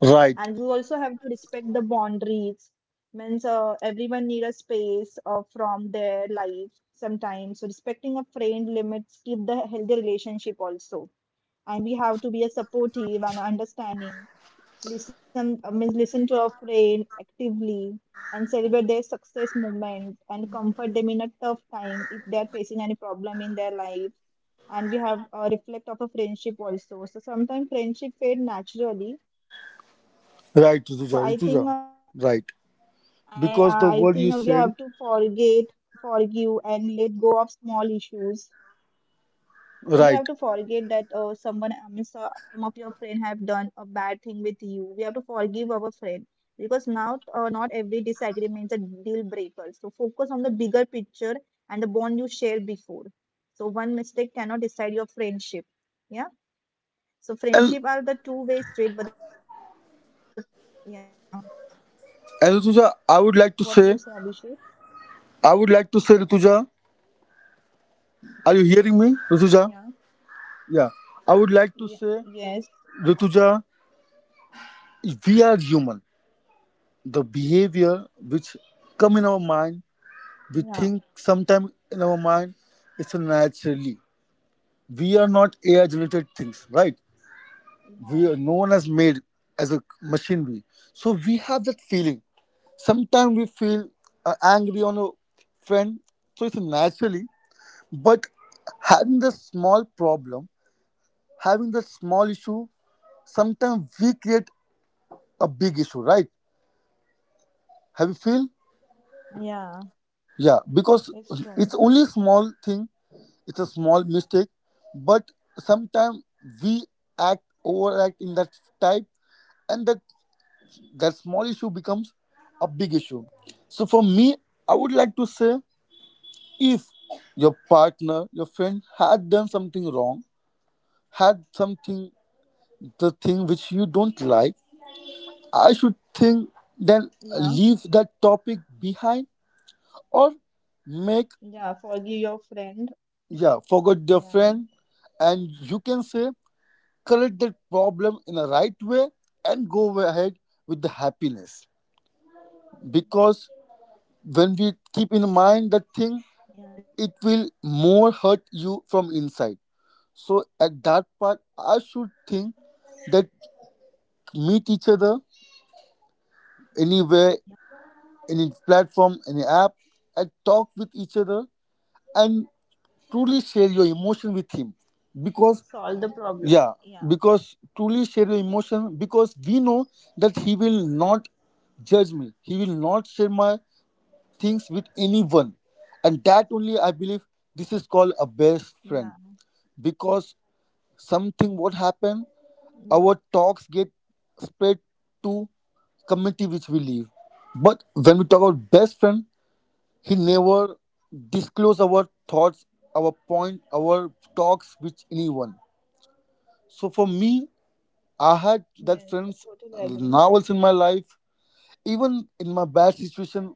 S2: Right,
S1: And we also have to respect the boundaries. Means everyone need a space from their life sometimes. So, respecting a friend limits keep the healthy relationship also, and we have to be a supportive and understanding, listen means listen to our friend actively, and celebrate their success moments and comfort them in a tough time if they are facing any problem in their life. And we have reflect of a friendship also, so sometimes friendship fade naturally. So I
S2: right,
S1: think uh,
S2: Rutuja, Rutuja, right.
S1: i uh, i
S2: Because the
S1: think
S2: word
S1: we
S2: you
S1: have
S2: said,
S1: to forget, forgive and let go of small issues. So
S2: right.
S1: we have to forget that someone, I mean, some of your friend have done a bad thing with you, we have to forgive our friend, because now not every disagreement is a deal breaker, so focus on the bigger picture and the bond you shared before. So one mistake cannot decide your friendship. Yeah.
S2: And
S1: So friendship are the two-way street, but the, yeah,
S2: and Rutuja, I would like to
S1: what you
S2: say,
S1: say Abhishek?
S2: I would like to say, Rutuja, are you hearing me, Rutuja?
S1: Yeah.
S2: Yeah, I would like to say,
S1: Yes,
S2: Rutuja, we are human. The behavior which come in our mind,
S1: yeah,
S2: we think sometimes in our mind, it's naturally. We are not AI generated things, right? We are
S1: yeah,
S2: known as made as a machinery, so we have that feeling. Sometimes we feel angry on a friend, so it's naturally. But having the small problem, having the small issue, sometimes we create a big issue, right? Have you feel?
S1: yeah,
S2: Yeah, because it's
S1: it's
S2: only a
S1: true,
S2: small thing, it's a small mistake. But sometimes we act overact in that type, and that that small issue becomes a big issue. So for me, I would like to say, if your partner, your friend had done something wrong, had something the thing which you don't like, I should think then leave
S1: yeah,
S2: that topic behind, or make
S1: yeah, forgive your
S2: yeah,
S1: friend,
S2: forget your friend.
S1: yeah.
S2: And you can say correct that problem in a right way and go ahead with the happiness. Because when we keep in mind that
S1: Yeah, it
S2: thing, it will more hurt you from inside. So at that part I should think that meet each other, anywhere, any platform, any app, and talk with each other, and truly share your emotion with him. Because
S1: solve the problem.
S2: yeah,
S1: Yeah,
S2: because truly share your emotion, because we know that he will not judge me, he will not share my things with anyone. And that only I believe, this is called a best friend.
S1: yeah,
S2: Because something what happen,
S1: mm,
S2: our talks get spread to community which we live. But when we talk about best friend, he
S1: yeah.
S2: never disclose our thoughts, our point, our talks with anyone. So for me, I had
S1: Yes,
S2: that
S1: I
S2: friends
S1: totally agree.
S2: now also in my life. Even in my bad situation,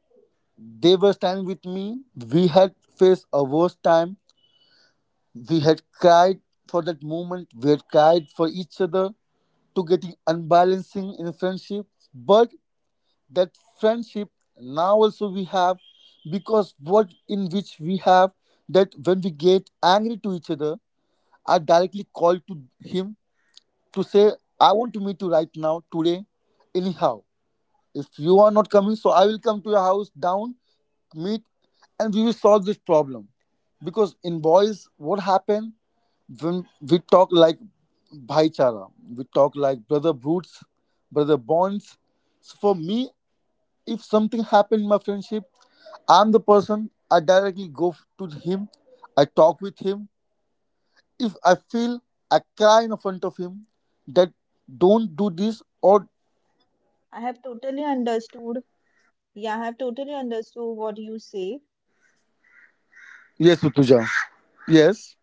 S2: they were standing with me. We had faced a worst time. We had cried for that moment, we had cried for each other to getting unbalancing in friendship. But that friendship now also we have. Because what in which we have, that when we get angry to each other, I directly call to him, to say I want to meet you right now today, anyhow. If you are not coming, so I will come to your house down,
S1: Yeah, yeah.
S2: meet, and we will solve this
S1: I
S2: problem.
S1: totally understood
S2: Because in boys,
S1: Abhishek.
S2: what happened, when we talk like bhaichara, we talk like brother brutes, brother bonds. So for me, if something happened in my friendship, I'm the person, I directly to him, I talk with him. If I feel, I cry in front of him that
S1: Abhishek,
S2: don't do this or.
S1: I have totally understood. Yeah, I have totally understood what you say.
S2: Yes, Utuja. Yes,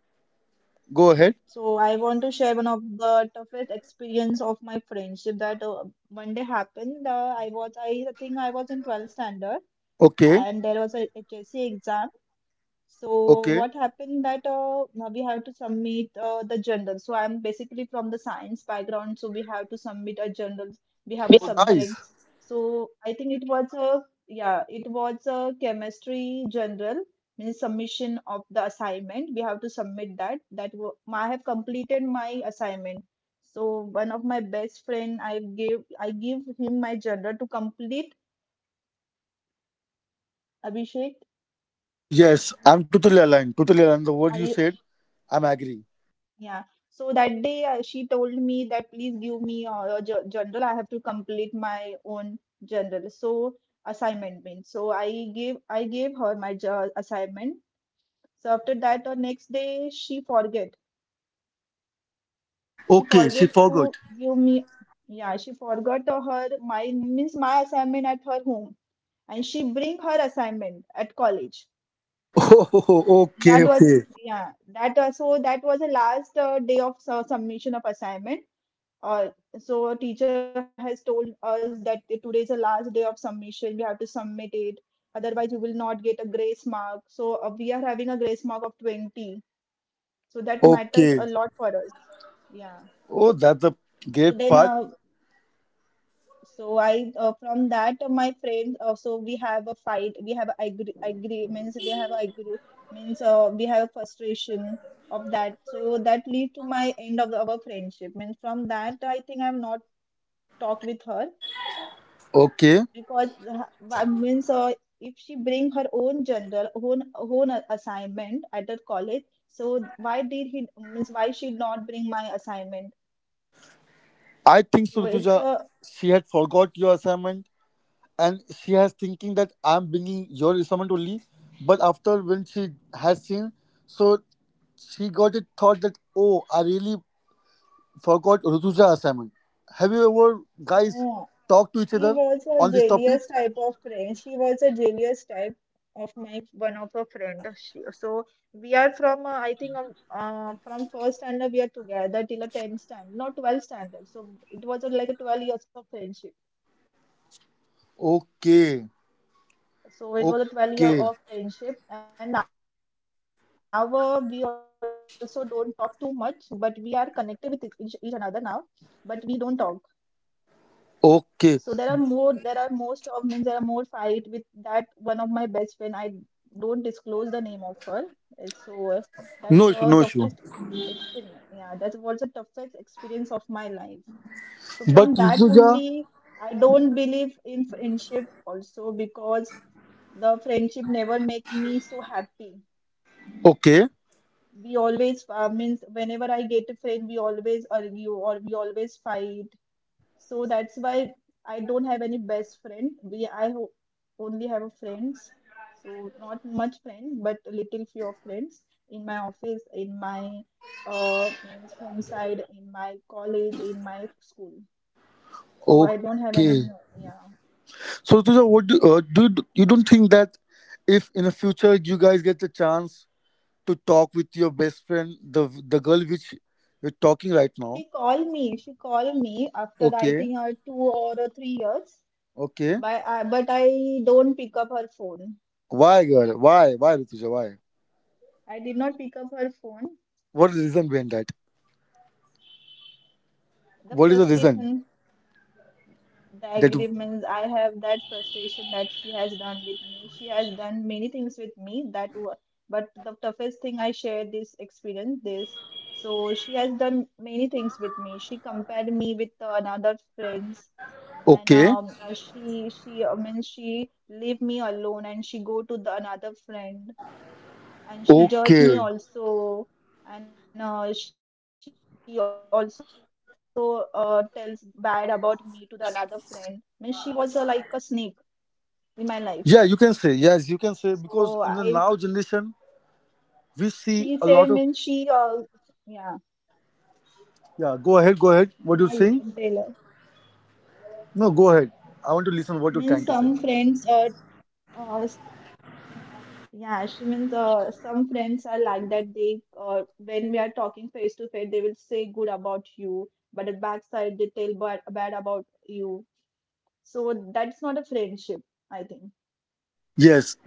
S2: go ahead.
S1: So I want to share one of the toughest experience of my friendship that one day happened. I think I was in 12th standard,
S2: Okay,
S1: and there was a HSC exam. So
S2: okay.
S1: what happened that now we have to submit the journal. So I'm basically from the science background, so we have to submit a journal. We have a
S2: Oh, nice.
S1: subjects. So I think it was a, yeah, it was a chemistry journal, means submission of the assignment. We have to submit that. I have completed my assignment. So one of my best friend, I give him my journal to complete. Abhishek,
S2: Yes, I'm totally aligned. Totally aligned. The word you
S1: I.
S2: said, I'm agree.
S1: Yeah. So that day, she told me that please give me journal. I have to complete my own journal. So assignment means. So I gave her my assignment. So after that, the next day she forget. She
S2: Okay, she
S1: forget to
S2: forgot.
S1: give me. Yeah, she forgot her my means my assignment at her home, and she bring her assignment at college.
S2: Oh,
S1: That
S2: okay,
S1: was, yeah. That so that was the last day of submission of assignment. Uh, so a teacher has told us that today is the last day of submission. We have to submit it. Otherwise, you will not get a grace mark. So we are having a grace mark of 20. So that matters
S2: okay.
S1: a lot for us. Yeah.
S2: Oh, that's a
S1: So
S2: great
S1: then,
S2: part.
S1: so I from that my friend. So we have a fight. We have a agree means we have a frustration of that. So that lead to my end of our friendship. Means from that, I think I've not talked with her
S2: Okay,
S1: because I mean, so if she bring her own general own own a- assignment at the college, so why did he means why she not bring my assignment?
S2: I think
S1: So it's
S2: Suratuja,
S1: a
S2: she had forgot your assignment, and she has thinking that I'm bringing your assignment only. But after when she has seen, so she got it thought that oh, I really forgot Rutuja's assignment. Have you ever guys
S1: no.
S2: talked to each
S1: She
S2: other
S1: was a
S2: on this topic?
S1: jealous type of friend. She was a jealous type of my one of her friend. She, so we are from I think from first standard we are together till a tenth standard, not 12th standard. So it was like a 12 years of friendship.
S2: Okay,
S1: So it was a 12 year
S2: okay,
S1: of friendship, and now we also don't talk too much, but we are connected with each another now, but we don't talk. So
S2: okay.
S1: there are more fight with that one of my best friend. I don't disclose the name of her. Uh, So uh, that's
S2: No issue, no issue.
S1: toughest experience. Yeah, that was the toughest experience of my life. So from
S2: But
S1: that
S2: Rutuja.
S1: only, I don't believe in friendship also, because the friendship never make me so happy.
S2: Okay,
S1: We always means whenever I get a friend, we always argue or we always fight. So that's why I don't have any best friend. Only have a friends. So not much friend, but a little few of friends in my office, in my means home side, in my college, in my school. So I don't have any.
S2: okay.
S1: Yeah,
S2: So, Rituja, what do, do you, you don't think that if in the future you guys get the chance to talk with your best friend, the girl which you're talking right now?
S1: she called me. She called me after I
S2: Okay,
S1: think 2 or 3 years.
S2: okay.
S1: By, I but I don't pick up her phone.
S2: Why, girl? Why, Rituja? Why?
S1: I did not pick up her phone.
S2: What is the reason behind that?
S1: The
S2: What is the reason
S1: frustration, the
S2: that?
S1: agreements, I have that frustration that she has done with me. She has done many things with me that were, but the toughest thing I share this experience, this. So she has done many things with me. She compared me with another friends and
S2: Okay,
S1: she I mean she leave me alone and she go to the another friend and she judge me
S2: okay.
S1: also and she also tells bad about me to the another friend means she was like a snake in my life
S2: Yeah, you can say yes. You can say because in the
S1: so
S2: now
S1: I
S2: generation we see a lot of
S1: she said means she yeah
S2: yeah. Go ahead, go ahead. What do you saying?
S1: yeah you can tell her
S2: No, go ahead. I want to listen what you're
S1: means
S2: trying to say.
S1: some friends uh s- yeah she means some friends are like that they when we are talking face to face they will say good about you but at backside they tell bad, bad about you. So that's not a friendship, I think.
S2: Yes,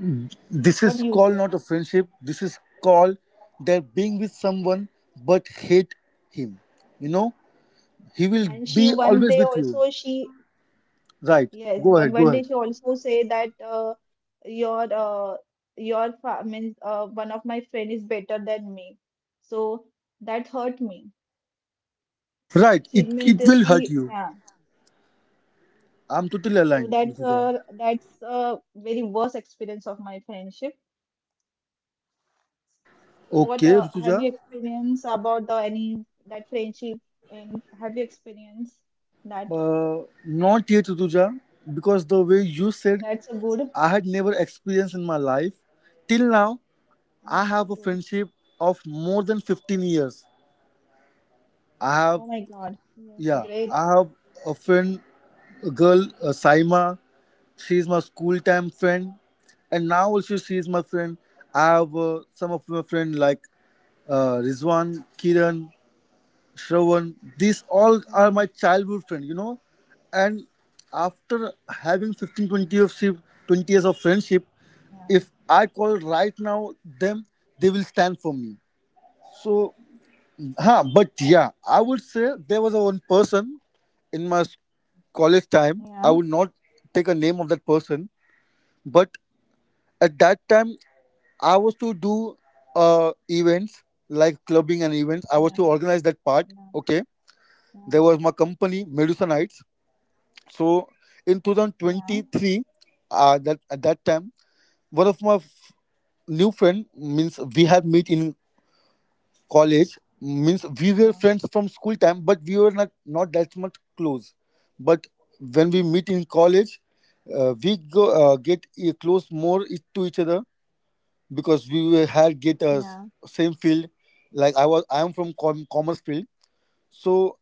S2: this is
S1: What do
S2: called
S1: you
S2: not a
S1: say?
S2: friendship. This is called that being with someone but hate him. You know, he will
S1: And she
S2: be
S1: one
S2: always
S1: day
S2: with you.
S1: also she
S2: Right.
S1: Yes,
S2: Go
S1: but
S2: ahead. Go
S1: one day
S2: ahead.
S1: she also say that your uh, means one of my friend is better than me. So that hurt me.
S2: Right. It
S1: She means
S2: it
S1: that
S2: will hurt
S1: she
S2: you.
S1: Yeah.
S2: I'm totally
S1: So
S2: aligned, Rutuja.
S1: that's a very worst experience of my friendship. What
S2: Okay,
S1: have
S2: Rutuja.
S1: you experienced about the any that friendship and have you experienced that?
S2: Not yet, Rutuja, because the way you said,
S1: That's a good.
S2: I had never experienced in my life. Till now,
S1: That's
S2: I
S1: a
S2: have a
S1: good.
S2: friendship of more than 15 years. I
S1: Oh
S2: have,
S1: my God. Yeah,
S2: yeah,
S1: great.
S2: I have a friend, a girl, Saima. She's my school time friend, and now also she's my friend. I have some of my friend like Rizwan, Kiran, Shravan. These all
S1: Okay.
S2: are my childhood friend, you know. And after having fifteen, twenty 20 of ship, 20 years of friendship,
S1: Yeah.
S2: if I call right now them, they will stand for me. So Huh, but yeah, I would say there was a one person in my s-
S1: Yeah.
S2: college time. I would not take a name of that person, but at that time I was to do events like clubbing and events. I
S1: Yeah.
S2: was to organize that part.
S1: Yeah.
S2: Okay, there was my company Medusa Nights. So
S1: Yeah.
S2: in 2023, that at that time, one of my new friend means we had meet in college means we
S1: Yeah.
S2: were friends from school time but we were not that much close but when we meet in college, we go get close more to each other because we were, had get
S1: Yeah.
S2: same field, like I am from commerce field, so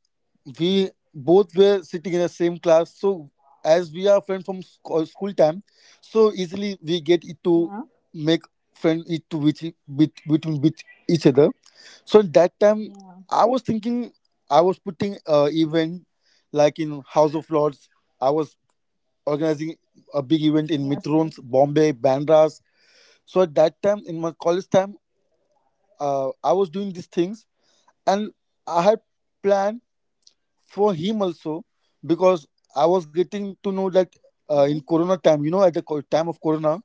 S2: we both were sitting in the same class. So as we are friends from school time, so easily we get
S1: Yeah.
S2: it
S1: Yeah.
S2: to make friend it to which with between with each other. So at that time,
S1: Yeah.
S2: I was thinking I was putting event like in House of Lords. I was organizing a
S1: Yes.
S2: big
S1: Yes.
S2: event in Mitrons, Bombay, Bandras. So at that time, in my college time, I was doing these things, and I had planned for him also because I was
S1: Yes.
S2: getting to know that in Corona time, at the time of Corona,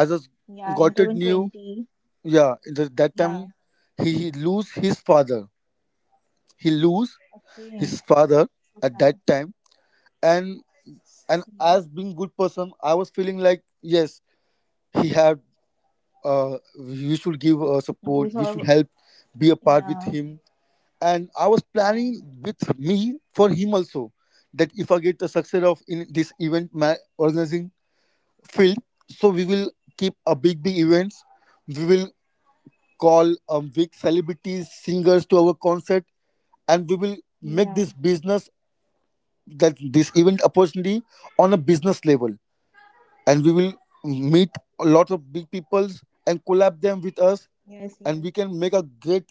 S2: I just
S1: Yeah. In
S2: got it new.
S1: 2020.
S2: Yeah, in the, that
S1: Yeah.
S2: time he lose his father. He lose his
S1: Okay.
S2: father at
S1: So.
S2: that time,
S1: Yeah.
S2: and and as being good person, I was feeling like yes, he had. We should give
S1: You
S2: support.
S1: lose
S2: We should
S1: her.
S2: help, be a part with
S1: Yeah.
S2: him, and I was planning
S1: Yeah.
S2: with me for him also that if I get the success of in this event organizing field, so we will keep a big big events. We will call big celebrities, singers to our concert, and we will make this
S1: Yeah.
S2: business that this event opportunity on a business level, and we will meet a lot of big peoples
S1: Yes.
S2: and
S1: Yes.
S2: collab them with us, and we can make a great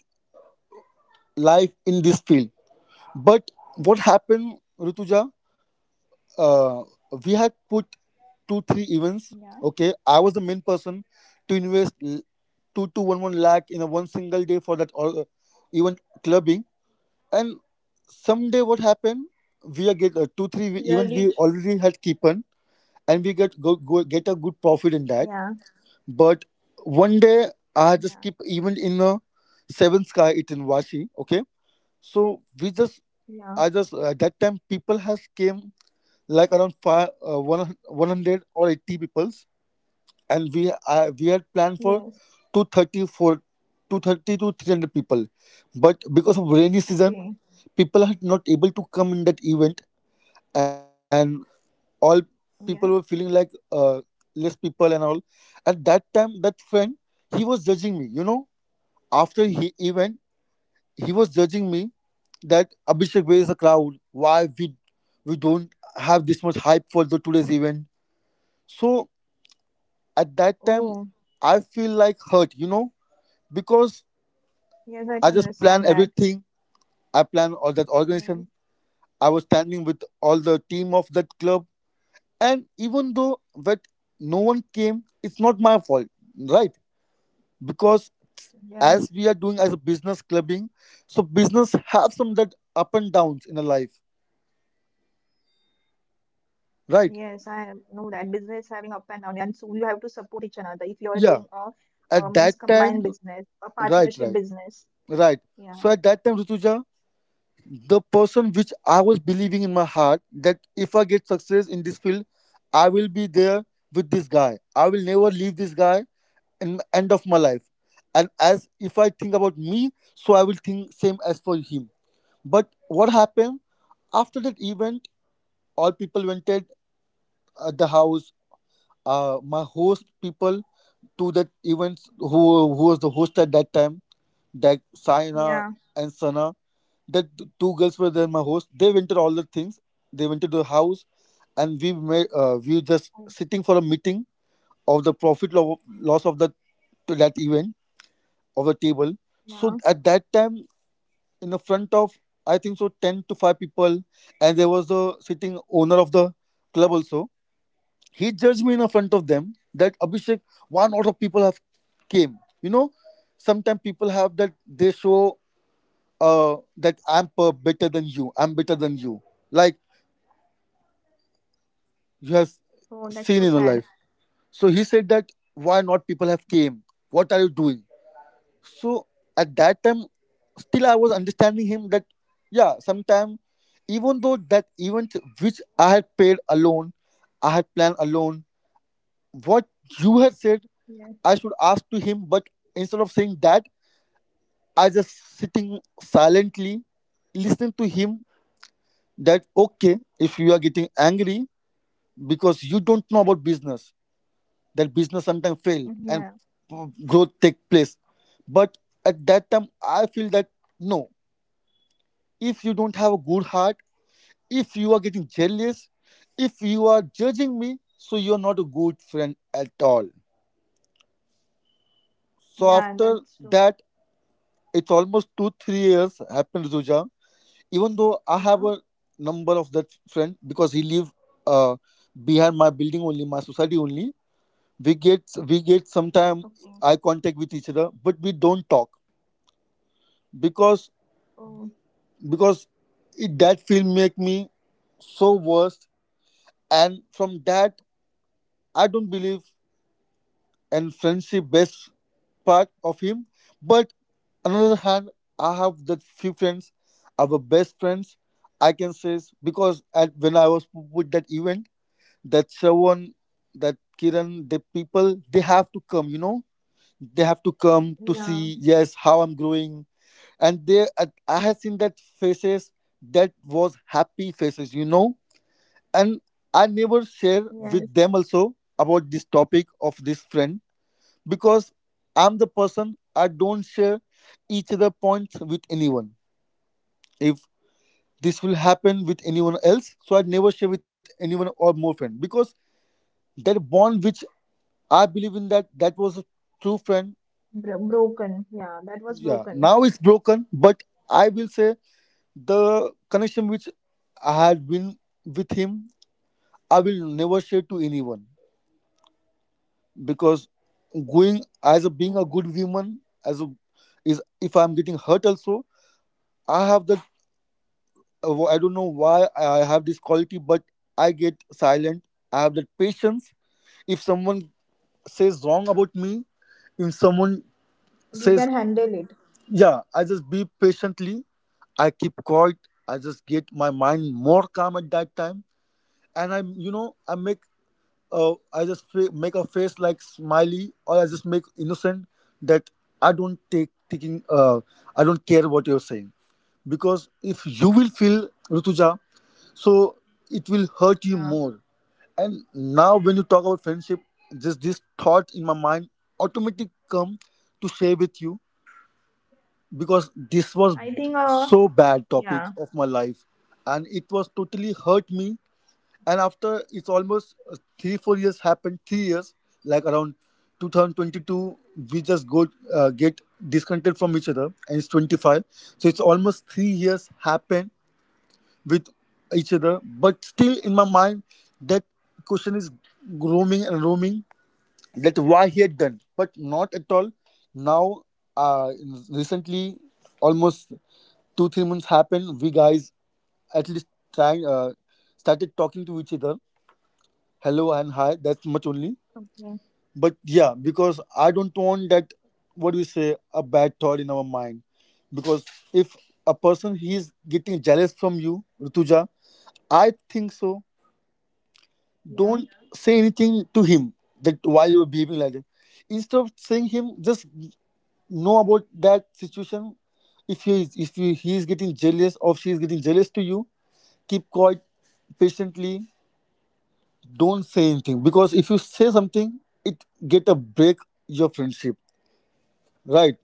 S2: life in this field. But what happened, Rutuja? uh, we had put
S1: Yeah.
S2: 2-3 events. Okay, I was the main person to invest two to one lakh in a one single day for that all event clubbing. And someday what happened? We are get
S1: So you are
S2: 2-3
S1: rich.
S2: event we already had keepen and we get go, go get a good
S1: Yeah.
S2: profit in that. But one day
S1: Yeah.
S2: I had just keep event in a seven sky it in Washi. Okay, so we just
S1: Yeah.
S2: I just at that time people has came like around five, one, 100 or 80 peoples, and we had
S1: Yes.
S2: planned for 230 for 230 to 300 people but because of rainy season
S1: Okay.
S2: people are not able to come in that event, and all
S1: Yes.
S2: people were feeling like less people and all. At that time that friend he was judging me, you know, after he event he was judging me that Abhishek, where is the crowd, why we don't have this much hype for the today's event. So at that
S1: Oh.
S2: time I feel like hurt, you know, because
S1: Yes,
S2: I
S1: I can
S2: just plan
S1: understand that.
S2: everything, I plan all that organization,
S1: Yes.
S2: I was standing with all the team of that club, and even though that no one came it's not my fault, right? Because as
S1: Yes.
S2: we are doing as a business clubbing, so business have some that up and downs in a life,
S1: Yes, I know
S2: right?
S1: that business having up and down, and so you have to support each another. If you are doing
S2: Yeah,
S1: a
S2: at
S1: means
S2: that
S1: combined
S2: time,
S1: business, a
S2: right,
S1: partnership
S2: right
S1: business,
S2: right So
S1: yeah,
S2: at that time, Rituja, the person which I was believing in my heart that if I get success in this field, I will be there with this guy. I will never leave this guy in the end of my life. And as if I think about me, so I will think same as for him. But what happened after that event? All people went at the house. My host people to that events, who was the host at that time, that Saina
S1: yeah,
S2: and Sana, that two girls were there, my host, they went to all the things, they went to the house, and we
S1: oh,
S2: made we just sitting for a meeting of the profit loss of the to that event of the table. So
S1: yeah.
S2: at that time, in the front of I think so 10 to 5 people, and there was the sitting owner of the club also, he judged me in the front of them that Abhishek, one lot of people have came, you know, sometimes people have that they show that I'm better than you. I'm better than you. Like you have
S1: Oh, that's so
S2: seen in
S1: sad.
S2: your life. So he said that why not people have came? What are you doing? So at that time, still I was understanding him that yeah, sometime even though that event which I had paid alone, I had planned alone, what you had said
S1: Yeah.
S2: I should ask to him, but instead of saying that, I just sitting silently, listening to him that okay, if you are getting angry, because you don't know about business, that business sometimes
S1: Mm,
S2: fail
S1: yeah,
S2: and growth take place. But at that time I feel that no, if you don't have a good heart, if you are getting jealous, if you are judging me, so you're not a good friend at all.
S1: yeah. That's
S2: So
S1: true.
S2: after that, it's almost 2-3 years happened to Zuja. Even though I have
S1: Yeah.
S2: a number of that friend because he live uh, behind my building only, my society only, we get we get
S1: Okay.
S2: sometime eye contact with each other but we don't talk because
S1: Oh,
S2: because it, that film make me so worst, and from that I don't believe in friendship best part of him. But on the other hand, I have the few friends, our best friends I can say is because at when I was with that event, that someone, that Kiran, the people, they have to come, you know, they have to come to
S1: yeah.
S2: see yes how I'm growing, and they I have seen that faces, that was happy faces, you know. And I never
S1: Yes.
S2: share with them also about this topic of this friend because I'm the person, I don't share each other points with anyone. If this will happen with anyone else, so I never share with anyone or more friend because that bond which I believe in that, that was a true friend.
S1: Bro broken. Yeah, that was
S2: Yeah,
S1: broken.
S2: now it's broken, but I will say the connection which I had been with him, I will never share to anyone. Because
S1: Oh,
S2: going as a being a good woman, as a is if I'm getting hurt also, I have that. I don't know why I have this quality, but I get silent. I have that patience. If someone says wrong about me, if someone
S1: you can
S2: says,
S1: handle it.
S2: yeah, I just be patiently, I keep quiet. I just get my mind more calm at that time, and I'm, you know, I make, I just make a face like smiley, or I just make innocent, that I don't take taking, I don't care what you're saying, because if you will feel Rutuja, so
S1: Yeah.
S2: it will hurt you more. And now when you talk about friendship, just this thought in my mind automatically come to share with you because this was
S1: I think.
S2: so bad topic
S1: Yeah.
S2: of my life, and it was totally hurt me. And after it's almost 3-4 years happened, 3 years, like around 2022 we just go get disconnected from each other, and it's 25, so it's almost 3 years happened with each other. But still in my mind that question is roaming and roaming, that why he had done, but not at all. Now, uh, recently almost 2-3 months happened, we guys at least trying, started talking to each other, hello and hi, that's much
S1: Okay.
S2: only. But yeah, because I don't want that, what do you say, a bad thought in our mind. Because if a person he is getting jealous from you, Rutuja, I think
S1: Yeah.
S2: so, don't say anything to him that why you are behaving like that. Instead of saying him, just know about that situation. If he is, if he is getting jealous or she is getting jealous to you, keep quiet patiently, don't say anything because if you say something it get a break your friendship, right?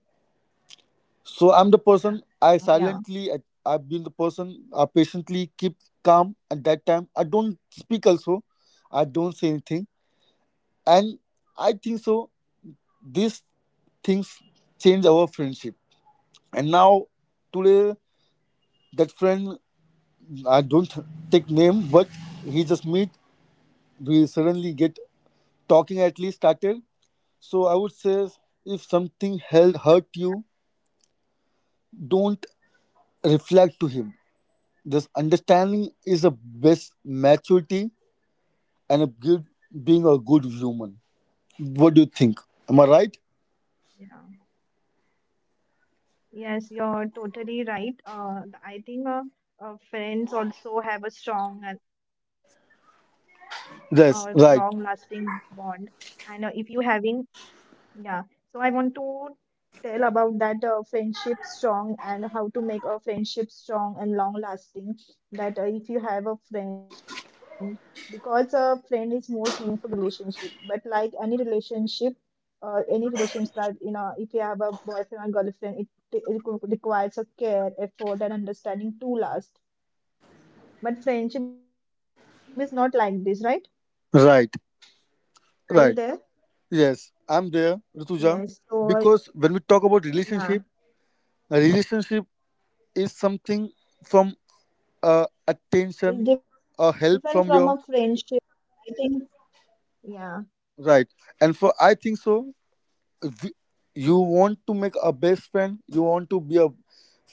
S2: So
S1: Yeah.
S2: I'm the
S1: Yeah.
S2: person, I silently I've been the person, I patiently keep calm at that time, I don't speak also, I don't say anything. And I think so these things change our friendship. And now today that friend, I don't take name, but he just meet, we suddenly get talking at least started. So I would say if something held hurt you, don't reflect to him. This understanding is the best maturity, and a good being a good human. What do you think? Am I right?
S1: Yeah. Yes, you're totally right. I think friends also have a strong and long-lasting bond.
S2: Yes, right,
S1: And if you having yeah, so I want to tell about that friendship strong and how to make a friendship strong and long lasting. That if you have a friend, because a friend is most meaningful relationship. But like any relationship that you know, if you have a boyfriend or girlfriend, it requires a care, effort, and understanding to last. But friendship is not like this, right?
S2: right, right.
S1: Are you there?
S2: Yes, I'm there, Rituja.
S1: Yes.
S2: Because when we
S1: So
S2: talk about relationship,
S1: yeah,
S2: a relationship is something from attention or
S1: it's
S2: help
S1: different
S2: from
S1: from a
S2: your
S1: friendship. I think. Yeah,
S2: right. And for I think so th- you want to make a best friend, you want to be a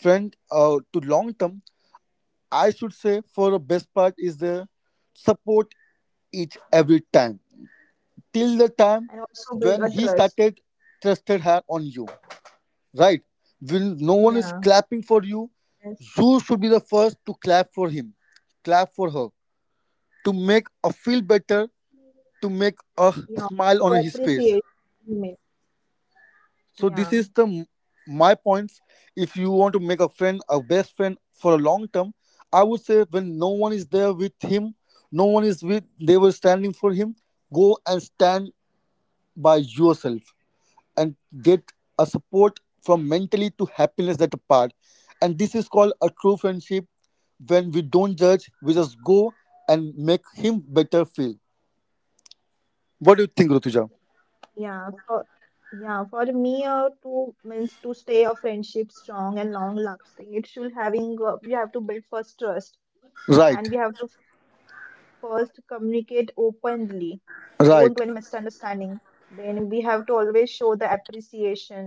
S2: friend, to long term, I should say, for the best part is the support each every time till the time
S1: and also
S2: when
S1: build
S2: he
S1: a
S2: started
S1: trust.
S2: trusted her on you, right? When no
S1: Yeah,
S2: one is clapping for you,
S1: yes,
S2: you should be the first to clap for him, clap for her, to make her feel better, to
S1: yeah,
S2: make
S1: show
S2: a
S1: appreciation.
S2: smile on his
S1: Email.
S2: face. So
S1: Yeah,
S2: this is my points. If you want to make a friend a best friend for a long term, I would say when no one is there with him, no one is with, they were standing for him, go and stand by yourself and get a support from mentally to happiness that part, and this is called a true friendship. When we don't judge, we just go and make him better feel. What do you think, rutuja?
S1: yeah. For yeah, for me, to means to stay a friendship strong and long lasting, it should having we have to build first trust,
S2: Right,
S1: and we have to first communicate openly. Don't do any
S2: right.
S1: misunderstanding. Then we have to always show the appreciation,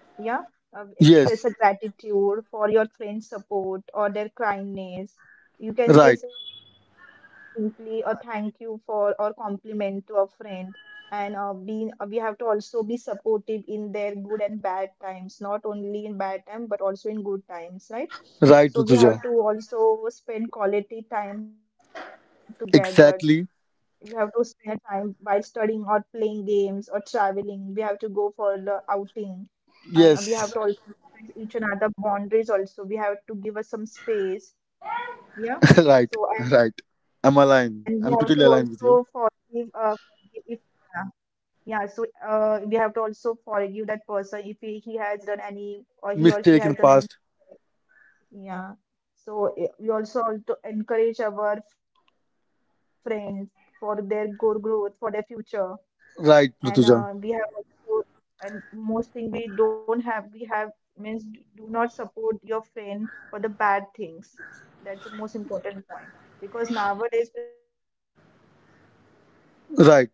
S1: yeah, express a
S2: Yes,
S1: gratitude for your friend's support or their kindness. You can say
S2: right.
S1: simply a thank you for or compliment to a friend. And being we have to also be supportive in their good and bad times, not only in bad time but also in good times, right?
S2: Right,
S1: So we
S2: rutuja.
S1: have to also spend quality time together. We have
S2: Exactly.
S1: to spend a time while studying or playing games or traveling. We have to go for the outing. And we
S2: Yes.
S1: have to also respect each another boundaries, also we have to give us some space, yeah.
S2: Right.
S1: So and
S2: Right.
S1: we have to
S2: I'm
S1: also
S2: aligned. I'm
S1: forgive
S2: totally aligned with you.
S1: forgive if yeah, yeah. So we have to also forgive that person if he has done any, or he or she
S2: Mistake
S1: has
S2: in the
S1: done any.
S2: past.
S1: Yeah. So we also have to encourage our friends for their growth, for their future. And
S2: Right,
S1: we
S2: Rutuja.
S1: have also, and most thing we don't have, we have means do not support your friend for the bad things. That's the most important point, because nowadays friendship is like this, that we also support in bad things.
S2: Right.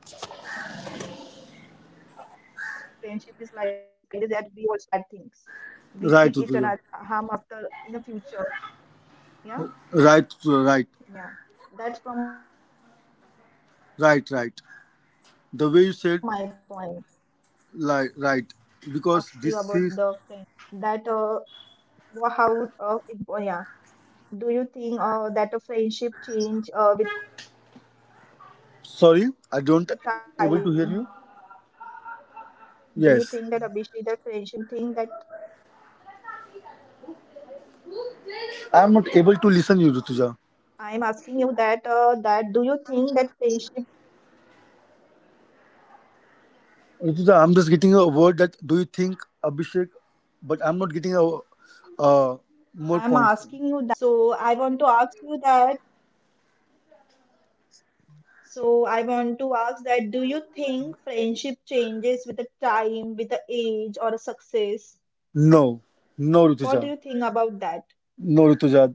S1: We keep each another means a secret that harm, harm after in the
S2: Right,
S1: future.
S2: Rutuja.
S1: Yeah.
S2: Right,
S1: Yeah,
S2: Rutuja. Right.
S1: that's from my point. So
S2: Right,
S1: the
S2: right.
S1: next to the last
S2: The
S1: where
S2: way you
S1: I have
S2: said,
S1: to ask you about the
S2: like, right.
S1: friendship,
S2: Because this
S1: that
S2: is.
S1: Wha- How would it, oh, yeah. Do you think that a friendship change with the time? Do you think that, Abhishek, that
S2: Sorry,
S1: friendship
S2: I
S1: change with the
S2: don't
S1: time
S2: able to
S1: or
S2: hear you.
S1: age or success? Yeah, you
S2: Yes.
S1: think that.
S2: I'm not able to listen you, Rutuja.
S1: I am asking you that that do you think that friendship?
S2: Rutuja, I'm just
S1: I
S2: getting
S1: am
S2: a word
S1: asking
S2: that
S1: you
S2: do you
S1: that
S2: think
S1: this
S2: Abhishek,
S1: is last
S2: but I'm
S1: question
S2: not
S1: of
S2: getting a
S1: today's podcast.
S2: more points.
S1: So I want to ask you that. So I want to ask that, do you think friendship changes with the time, with the age or a success?
S2: No, no,
S1: What do you
S2: Rutuja.
S1: think about that?
S2: No, Ritujat,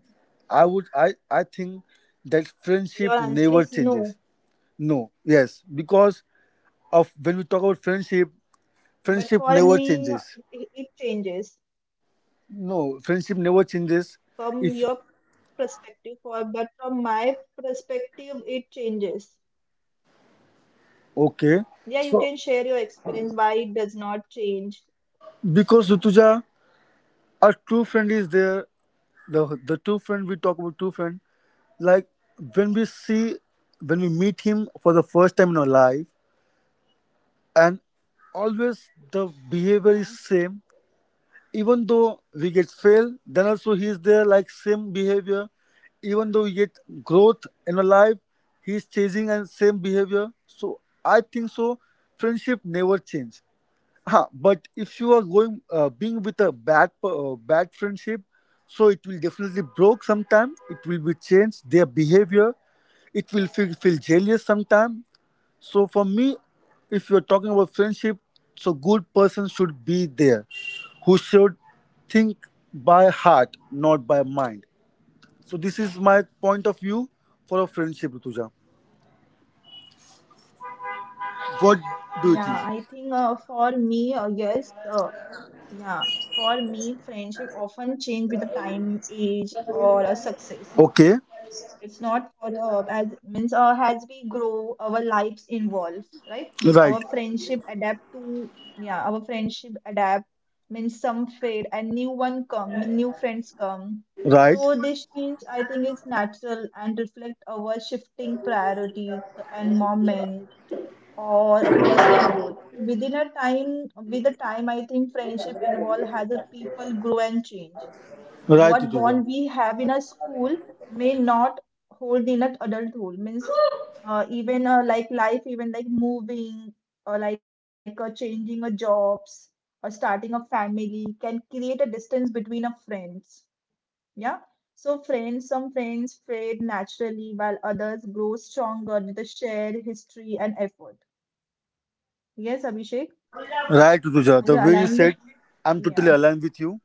S2: I would I think that friendship
S1: Your
S2: never
S1: answer is
S2: changes.
S1: no,
S2: No, yes, because of when we talk about friendship, friendship never
S1: but
S2: changes.
S1: for me, it changes.
S2: No, friendship never changes. If
S1: From your perspective. For but from my perspective, it changes.
S2: okay,
S1: Yeah, you
S2: so
S1: can share your experience why it does not change.
S2: because
S1: Yeah,
S2: Rituja, our true friend is there. The true friend, we talk about true friend, like when we see, when we meet him for the first time in our life, and always
S1: yeah,
S2: the behavior is same. Even though we get fail, then also he is there, like same behavior. Even though we get growth in our life, he is chasing and same behavior. So I think so. Friendship never change. Ha, but if you are going being with a bad friendship, so it will definitely broke sometime. It will be changed their behavior. It will feel, feel jealous sometime. So for me, if you're talking about friendship, so good person should be there, who should think by heart, not by mind. So this is my point of view for a friendship, Rituja. What
S1: yeah.
S2: do you
S1: I
S2: think?
S1: think for me, yes, yeah. For me, friendship often change with the time, age, or success.
S2: Okay,
S1: It's not for the as means as we grow, our lives involve, right?
S2: right,
S1: Our friendship adapt to yeah, our friendship adapt means some fade and new one come, mean new friends come.
S2: right,
S1: So this change, I think, is natural and reflect our shifting priorities and moment or a personal growth. Within a time, with the time, I think friendship involve as a people grow and change.
S2: right,
S1: What
S2: Rituja,
S1: bond we have in a school may not hold in an adulthood means even like life even like moving or like changing a jobs or starting a family can create a distance between a friends. Yeah. So friends some friends fade naturally while others grow stronger with a shared history and effort. Yes, Abhishek,
S2: right,
S1: are
S2: Rituja.
S1: you
S2: The way you
S1: aligned with
S2: said, I'm
S1: yeah.
S2: totally aligned with you,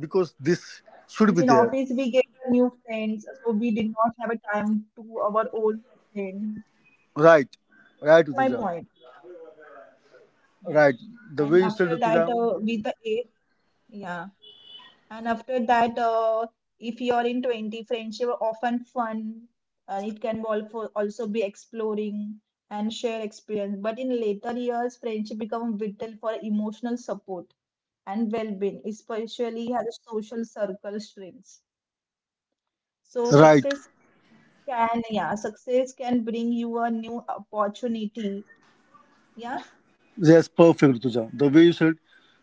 S2: because this
S1: Means
S2: should
S1: in
S2: be there.
S1: office we get new friends, so we did not have a time to our old friends.
S2: Right, right,
S1: My
S2: Rituja,
S1: point. Yeah.
S2: right. The
S1: And
S2: way you said,
S1: after that,
S2: Rituja,
S1: with the age, yeah. And after that, if you are in 20, friendship are often fun. It can also be exploring and share experience. But in later years, friendship become vital for emotional support and well-being, especially as social circle shrinks. So
S2: right.
S1: success can yeah success can bring you a new opportunity, yeah,
S2: Yes, perfect, Rutuja. The way you said,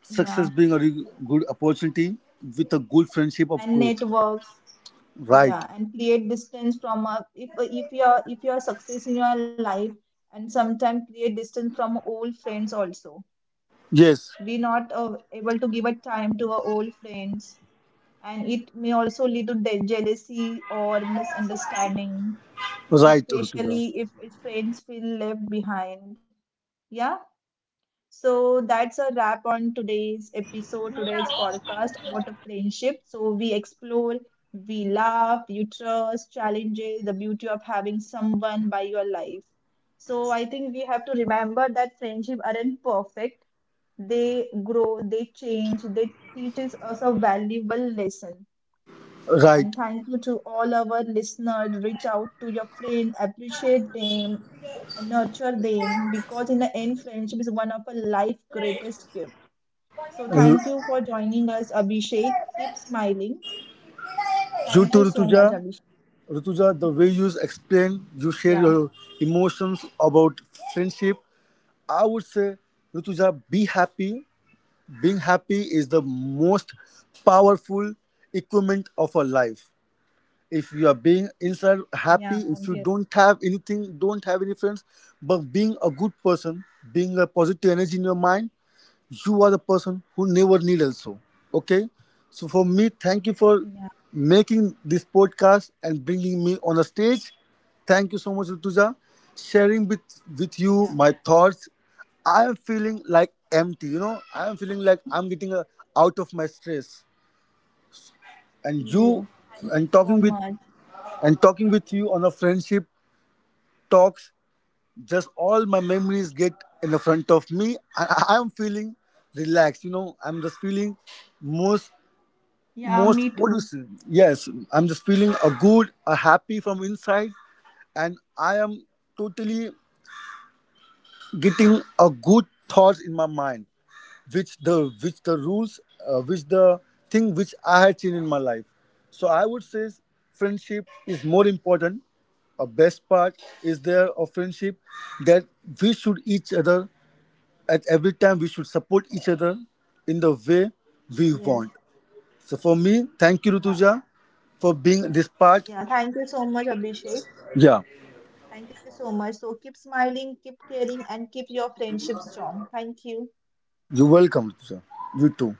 S2: success
S1: yeah,
S2: being a good opportunity with a good friendship of
S1: and
S2: growth.
S1: networks,
S2: Right.
S1: yeah, and create distance from a if if you're success in your life and sometimes create distance from old friends also.
S2: Yes,
S1: We not able to give a time to our old friends, and it may also lead to jealousy or misunderstanding,
S2: right, Rutuja.
S1: especially if friends feel left behind, yeah. So that's a wrap on today's episode, today's podcast about a friendship. So we explore, we laugh, you trust, challenges, the beauty of having someone by your life. So I think we have to remember that friendship aren't perfect. They grow, they change, they teaches us a valuable lesson. And
S2: Right.
S1: thank you to all our listeners. Reach out to your friend, appreciate them, and nurture them because, in the end, friendship is one of our life's greatest gifts. So,
S2: Uh,
S1: thank you for joining us, Abhishek. Keep smiling. Thank you
S2: You
S1: so
S2: too,
S1: much,
S2: Rutuja.
S1: Abhishek.
S2: Rutuja, the way you
S1: Yeah,
S2: explain, you share your emotions about friendship. I would say, Rutuja, be happy. Being happy is the most powerful equipment of a life. If you are being
S1: yeah,
S2: inside
S1: I'm here.
S2: happy, if you don't have anything, don't have any friends, but being a good person, being a positive energy in your mind, you are the person who never need also. Okay, so for me, thank you for
S1: Yeah,
S2: making this podcast and bringing me on a stage. Thank you so much, Rituja, sharing with
S1: yeah.
S2: you my thoughts. I am feeling like empty, you know. I am feeling like I'm getting out of my stress. And
S1: You.
S2: you,
S1: Thank you
S2: and
S1: so
S2: talking with,
S1: much.
S2: and talking with you on a friendship talks, just all my memories get in the front of me. I am feeling relaxed, you know, I'm just feeling most,
S1: Yeah,
S2: most,
S1: me
S2: what do you
S1: too.
S2: say? Yes, I'm just feeling a good a happy from inside, and I am totally getting a good thoughts in my mind, which the rules, which the thing which I had seen in my life. So I would say friendship is more important, a best part is there of friendship, that we should each other, at every time we should support each other in the way we
S1: Yes.
S2: want. So for me, thank you,
S1: Yeah.
S2: rutuja, for being this part.
S1: Yeah. Thank you so much, Abhishek.
S2: Yeah,
S1: Thank you so much. So keep smiling, keep caring, and keep your friendship strong. Thank you.
S2: you're welcome, rutuja. You too.